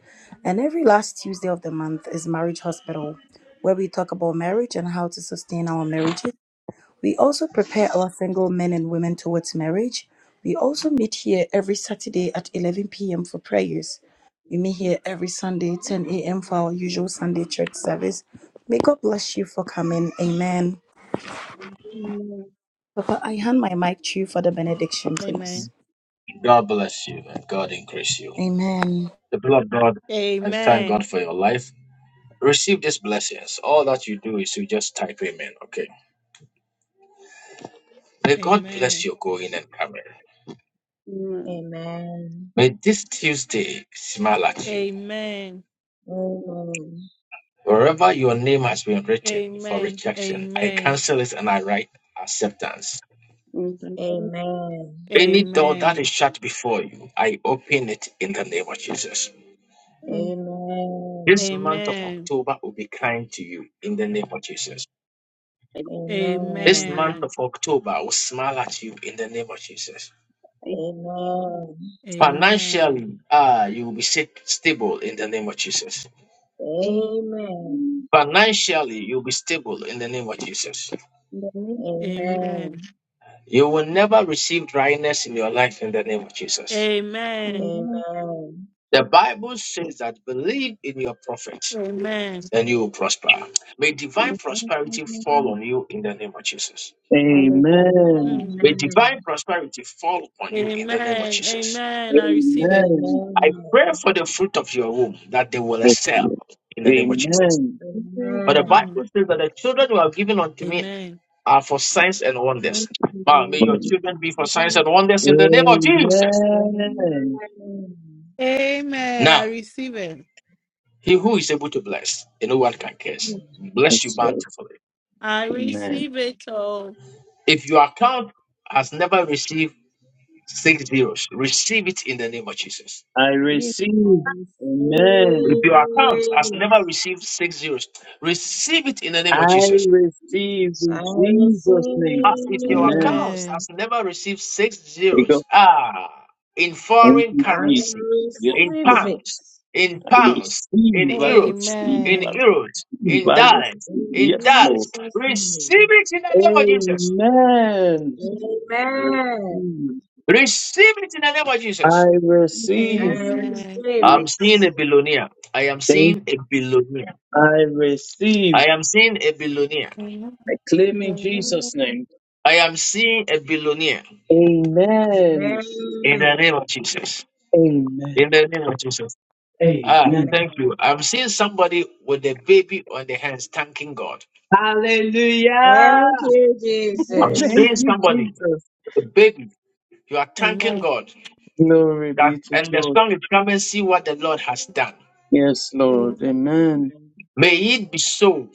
Speaker 2: And every last Tuesday of the month is Marriage Hospital, where we talk about marriage and how to sustain our marriages We also prepare our single men and women towards marriage. We also meet here every Saturday at 11 p.m. for prayers. We meet here every Sunday, 10 a.m. for our usual Sunday church service. May God bless you for coming. Amen. Papa, I hand my mic to you for the benediction, please.
Speaker 1: God bless you and God increase you.
Speaker 2: Amen.
Speaker 1: The people of God,
Speaker 6: Amen.
Speaker 1: I thank
Speaker 6: Amen.
Speaker 1: God for your life. Receive these blessings. All that you do is you just type amen, okay? May God bless
Speaker 6: Amen.
Speaker 1: your going and coming.
Speaker 7: Amen.
Speaker 1: May this Tuesday smile at you.
Speaker 6: Amen. Amen.
Speaker 7: Amen.
Speaker 1: Wherever your name has been written for
Speaker 6: Amen.
Speaker 1: rejection, I
Speaker 6: Amen.
Speaker 1: cancel it and I write acceptance.
Speaker 3: Amen. Amen. Amen. Amen. Amen. Amen.
Speaker 7: Amen.
Speaker 1: Any door that is
Speaker 6: Amen.
Speaker 1: shut before you, I open it in the name of Jesus.
Speaker 7: Amen.
Speaker 1: This month of October will be kind to you in the name of Jesus. This
Speaker 7: Amen.
Speaker 1: month of October will smile at you in the name of Jesus.
Speaker 7: Amen.
Speaker 1: Financially, ah, you will be sit- stable in the name of Jesus. Financially, you'll be stable in the name of Jesus.
Speaker 7: Amen.
Speaker 1: You will never receive dryness in your life in the name of Jesus.
Speaker 6: Amen. Amen. Amen.
Speaker 3: Amen. Amen.
Speaker 7: Amen.
Speaker 1: The Bible says that believe in your prophet
Speaker 6: Amen.
Speaker 1: and you will prosper. May divine prosperity fall
Speaker 3: Amen.
Speaker 1: on you in the name of Jesus.
Speaker 3: Hallelujah.
Speaker 13: Amen.
Speaker 7: Amen.
Speaker 6: Mm.
Speaker 1: May
Speaker 7: Amen.
Speaker 1: divine prosperity fall upon you in the name of
Speaker 6: Amen.
Speaker 1: Jesus.
Speaker 6: Amen. I receive it.
Speaker 13: Amen.
Speaker 1: I
Speaker 7: Amen.
Speaker 1: pray for the fruit of your womb that they will
Speaker 13: Yes,
Speaker 1: excel
Speaker 13: Lord.
Speaker 1: in the name of Jesus.
Speaker 13: Amen.
Speaker 3: Yes,
Speaker 1: But the
Speaker 7: Amen.
Speaker 1: Bible
Speaker 6: Mm.
Speaker 1: says that the children who are given unto me
Speaker 6: Amen.
Speaker 1: are for signs and
Speaker 3: Lord.
Speaker 1: wonders. Now, may your children be for signs
Speaker 3: Hallelujah.
Speaker 1: and wonders in the name of Jesus.
Speaker 13: Amen.
Speaker 7: Amen.
Speaker 6: Amen. I
Speaker 1: Now,
Speaker 6: receive it.
Speaker 1: he who is able to bless and no one can curse, bless you
Speaker 13: Yes, Lord.
Speaker 1: bountifully
Speaker 6: I
Speaker 13: Amen.
Speaker 6: receive it all.
Speaker 1: If your account has never received six zeros, receive it in the name of Jesus.
Speaker 13: I
Speaker 3: Yes,
Speaker 7: I
Speaker 13: receive.
Speaker 7: receive
Speaker 1: If
Speaker 13: Amen.
Speaker 1: your account has
Speaker 7: it.
Speaker 1: never received six zeros, receive it in the name of
Speaker 13: I
Speaker 1: Jesus.
Speaker 13: receive in
Speaker 7: I
Speaker 13: Jesus'
Speaker 1: As
Speaker 13: name.
Speaker 1: if
Speaker 7: receive
Speaker 1: your
Speaker 7: it.
Speaker 13: Amen.
Speaker 1: account
Speaker 6: Amen.
Speaker 1: has never received six
Speaker 13: There you go.
Speaker 1: zeros, ah, in
Speaker 13: Thank
Speaker 1: foreign
Speaker 13: you,
Speaker 7: I
Speaker 1: currency,
Speaker 13: Jesus. Yes,
Speaker 1: in
Speaker 13: Lord.
Speaker 7: receive
Speaker 1: pounds,
Speaker 7: it.
Speaker 1: in
Speaker 13: I
Speaker 1: pounds, in
Speaker 13: receive, I receive,
Speaker 1: euros,
Speaker 13: I
Speaker 1: in
Speaker 6: Amen.
Speaker 13: receive,
Speaker 1: euros, in
Speaker 13: I receive.
Speaker 1: dollars,
Speaker 7: In
Speaker 1: in
Speaker 3: Lord.
Speaker 13: Yes,
Speaker 1: dollars,
Speaker 13: Lord.
Speaker 7: Jesus'
Speaker 1: receive
Speaker 7: name.
Speaker 1: it in the name of Jesus.
Speaker 13: Amen.
Speaker 3: In
Speaker 13: I
Speaker 7: Amen.
Speaker 13: receive.
Speaker 1: Receive it in the name of Jesus.
Speaker 13: I
Speaker 3: the
Speaker 7: I
Speaker 13: receive.
Speaker 3: name
Speaker 6: Amen.
Speaker 7: receive
Speaker 1: I'm
Speaker 3: of
Speaker 1: seeing
Speaker 7: it.
Speaker 1: a billionaire. I am
Speaker 13: Thank-
Speaker 1: seeing a billionaire.
Speaker 13: I receive.
Speaker 1: I am seeing a billionaire.
Speaker 6: Amen.
Speaker 13: I claim in
Speaker 6: Amen.
Speaker 13: Jesus' name.
Speaker 1: I am seeing a billionaire
Speaker 13: Amen.
Speaker 1: in the
Speaker 7: Amen.
Speaker 1: name of Jesus.
Speaker 13: Amen.
Speaker 1: In the name of Jesus. Ah,
Speaker 13: Amen.
Speaker 1: thank you.
Speaker 7: Amen.
Speaker 1: I'm seeing somebody with a baby on their hands, thanking God.
Speaker 13: Hallelujah.
Speaker 7: Thank you,
Speaker 3: Jesus.
Speaker 1: I'm
Speaker 13: Thank
Speaker 7: Jesus.
Speaker 1: seeing
Speaker 6: Amen.
Speaker 13: you,
Speaker 1: somebody
Speaker 13: Jesus.
Speaker 1: with a baby. You are thanking
Speaker 6: Amen.
Speaker 1: God.
Speaker 13: Glory
Speaker 1: That,
Speaker 13: be to
Speaker 1: and the
Speaker 13: God.
Speaker 1: song is come and see what the Lord has done.
Speaker 13: Yes, Lord.
Speaker 6: Amen.
Speaker 13: Amen.
Speaker 1: May it be so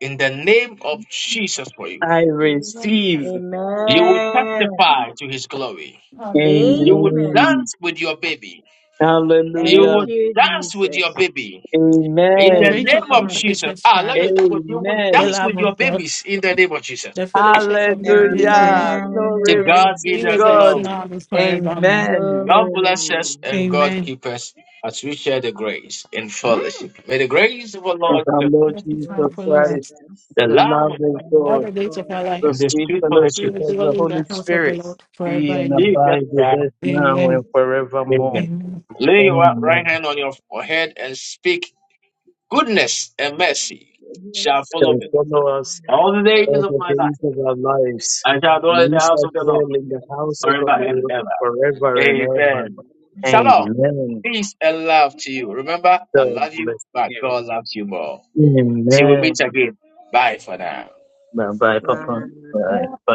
Speaker 1: in the name of Jesus for you.
Speaker 13: I
Speaker 6: Amen.
Speaker 13: receive.
Speaker 1: You will
Speaker 7: Amen.
Speaker 1: testify to his glory.
Speaker 6: Hallelujah.
Speaker 1: You will
Speaker 7: Amen.
Speaker 13: Amen.
Speaker 1: dance with your baby. You
Speaker 13: Hallelujah.
Speaker 7: Thank
Speaker 1: would
Speaker 7: you,
Speaker 1: dance with your
Speaker 7: Jesus.
Speaker 1: baby
Speaker 6: May
Speaker 1: in
Speaker 6: the
Speaker 1: the
Speaker 13: Amen.
Speaker 6: grace of
Speaker 1: name
Speaker 6: our Lord
Speaker 1: of
Speaker 7: Amen.
Speaker 1: Jesus.
Speaker 6: Jesus
Speaker 1: Ah, let me
Speaker 6: Christ,
Speaker 1: double. You would
Speaker 6: the
Speaker 13: Amen.
Speaker 1: dance
Speaker 6: love
Speaker 1: with
Speaker 6: of
Speaker 1: your
Speaker 6: God,
Speaker 1: babies in the name of Jesus.
Speaker 6: the fellowship of the Holy Spirit
Speaker 13: Hallelujah.
Speaker 3: Amen.
Speaker 1: To
Speaker 13: Glory be
Speaker 7: Amen.
Speaker 1: God be
Speaker 13: to
Speaker 6: be
Speaker 1: the
Speaker 6: with us
Speaker 13: God.
Speaker 1: glory.
Speaker 6: now and forevermore.
Speaker 13: Amen.
Speaker 1: God bless
Speaker 7: Glory.
Speaker 1: us and God
Speaker 6: Amen.
Speaker 1: keep us as we share the grace in fellowship. May the grace of our
Speaker 13: Of
Speaker 1: Lord
Speaker 13: our
Speaker 1: Jesus,
Speaker 13: Lord
Speaker 1: Christ,
Speaker 6: Let
Speaker 13: Jesus
Speaker 7: Lord
Speaker 6: us follow
Speaker 7: Jesus
Speaker 6: us
Speaker 13: Christ,
Speaker 7: Christ.
Speaker 1: the
Speaker 13: the
Speaker 1: Lamb
Speaker 13: love
Speaker 7: In
Speaker 1: of God,
Speaker 13: of
Speaker 7: the name
Speaker 6: all the
Speaker 13: God,
Speaker 7: of
Speaker 6: days of our
Speaker 7: God.
Speaker 6: life.
Speaker 13: the
Speaker 1: and this
Speaker 13: sweet
Speaker 1: true
Speaker 7: And
Speaker 6: We
Speaker 13: fellowship
Speaker 1: fellowship
Speaker 6: will
Speaker 13: of
Speaker 7: worship
Speaker 6: dwell
Speaker 13: the
Speaker 7: the
Speaker 6: in
Speaker 13: Holy
Speaker 6: the
Speaker 7: Holy
Speaker 6: house of the
Speaker 13: Spirit
Speaker 7: Spirit.
Speaker 6: Lord forever
Speaker 13: be and
Speaker 6: and
Speaker 1: be
Speaker 6: ever.
Speaker 1: just
Speaker 13: abide
Speaker 7: Yes.
Speaker 13: with
Speaker 1: there.
Speaker 13: us
Speaker 7: And
Speaker 13: now and
Speaker 6: Amen.
Speaker 7: yes, Lord.
Speaker 13: forevermore.
Speaker 7: Amen.
Speaker 1: Amen.
Speaker 6: Amen.
Speaker 1: Lay your right
Speaker 13: Amen.
Speaker 1: hand on your forehead and speak goodness and mercy
Speaker 7: Goodness
Speaker 1: shall
Speaker 7: and
Speaker 1: follow
Speaker 13: Shall
Speaker 1: me
Speaker 7: mercy
Speaker 13: follow
Speaker 7: is
Speaker 13: us
Speaker 7: in
Speaker 1: all the
Speaker 7: all
Speaker 1: days
Speaker 13: all
Speaker 7: of
Speaker 1: of
Speaker 13: the
Speaker 1: my
Speaker 7: this
Speaker 1: life.
Speaker 13: days of our
Speaker 7: provided.
Speaker 13: lives,
Speaker 1: I shall
Speaker 13: and
Speaker 1: dwell
Speaker 7: And
Speaker 1: in
Speaker 13: we
Speaker 1: the house
Speaker 13: shall
Speaker 1: of
Speaker 7: we
Speaker 1: the Lord
Speaker 13: dwell
Speaker 7: send
Speaker 13: in
Speaker 7: them
Speaker 13: the
Speaker 7: the hands
Speaker 13: house
Speaker 7: of
Speaker 13: of
Speaker 7: the
Speaker 13: the
Speaker 1: forever
Speaker 7: Lord.
Speaker 1: and
Speaker 13: Lord
Speaker 7: Amen.
Speaker 13: forever
Speaker 1: ever.
Speaker 13: and ever.
Speaker 1: Amen. Shalom.
Speaker 13: Amen.
Speaker 1: Peace and love to you. Remember, I
Speaker 13: God
Speaker 1: love you,
Speaker 13: bless
Speaker 1: but
Speaker 13: you.
Speaker 1: God loves you more. Till we
Speaker 13: Amen.
Speaker 1: meet again. Bye for now.
Speaker 13: Bye bye, Papa.
Speaker 7: Wow.
Speaker 13: Bye. Bye.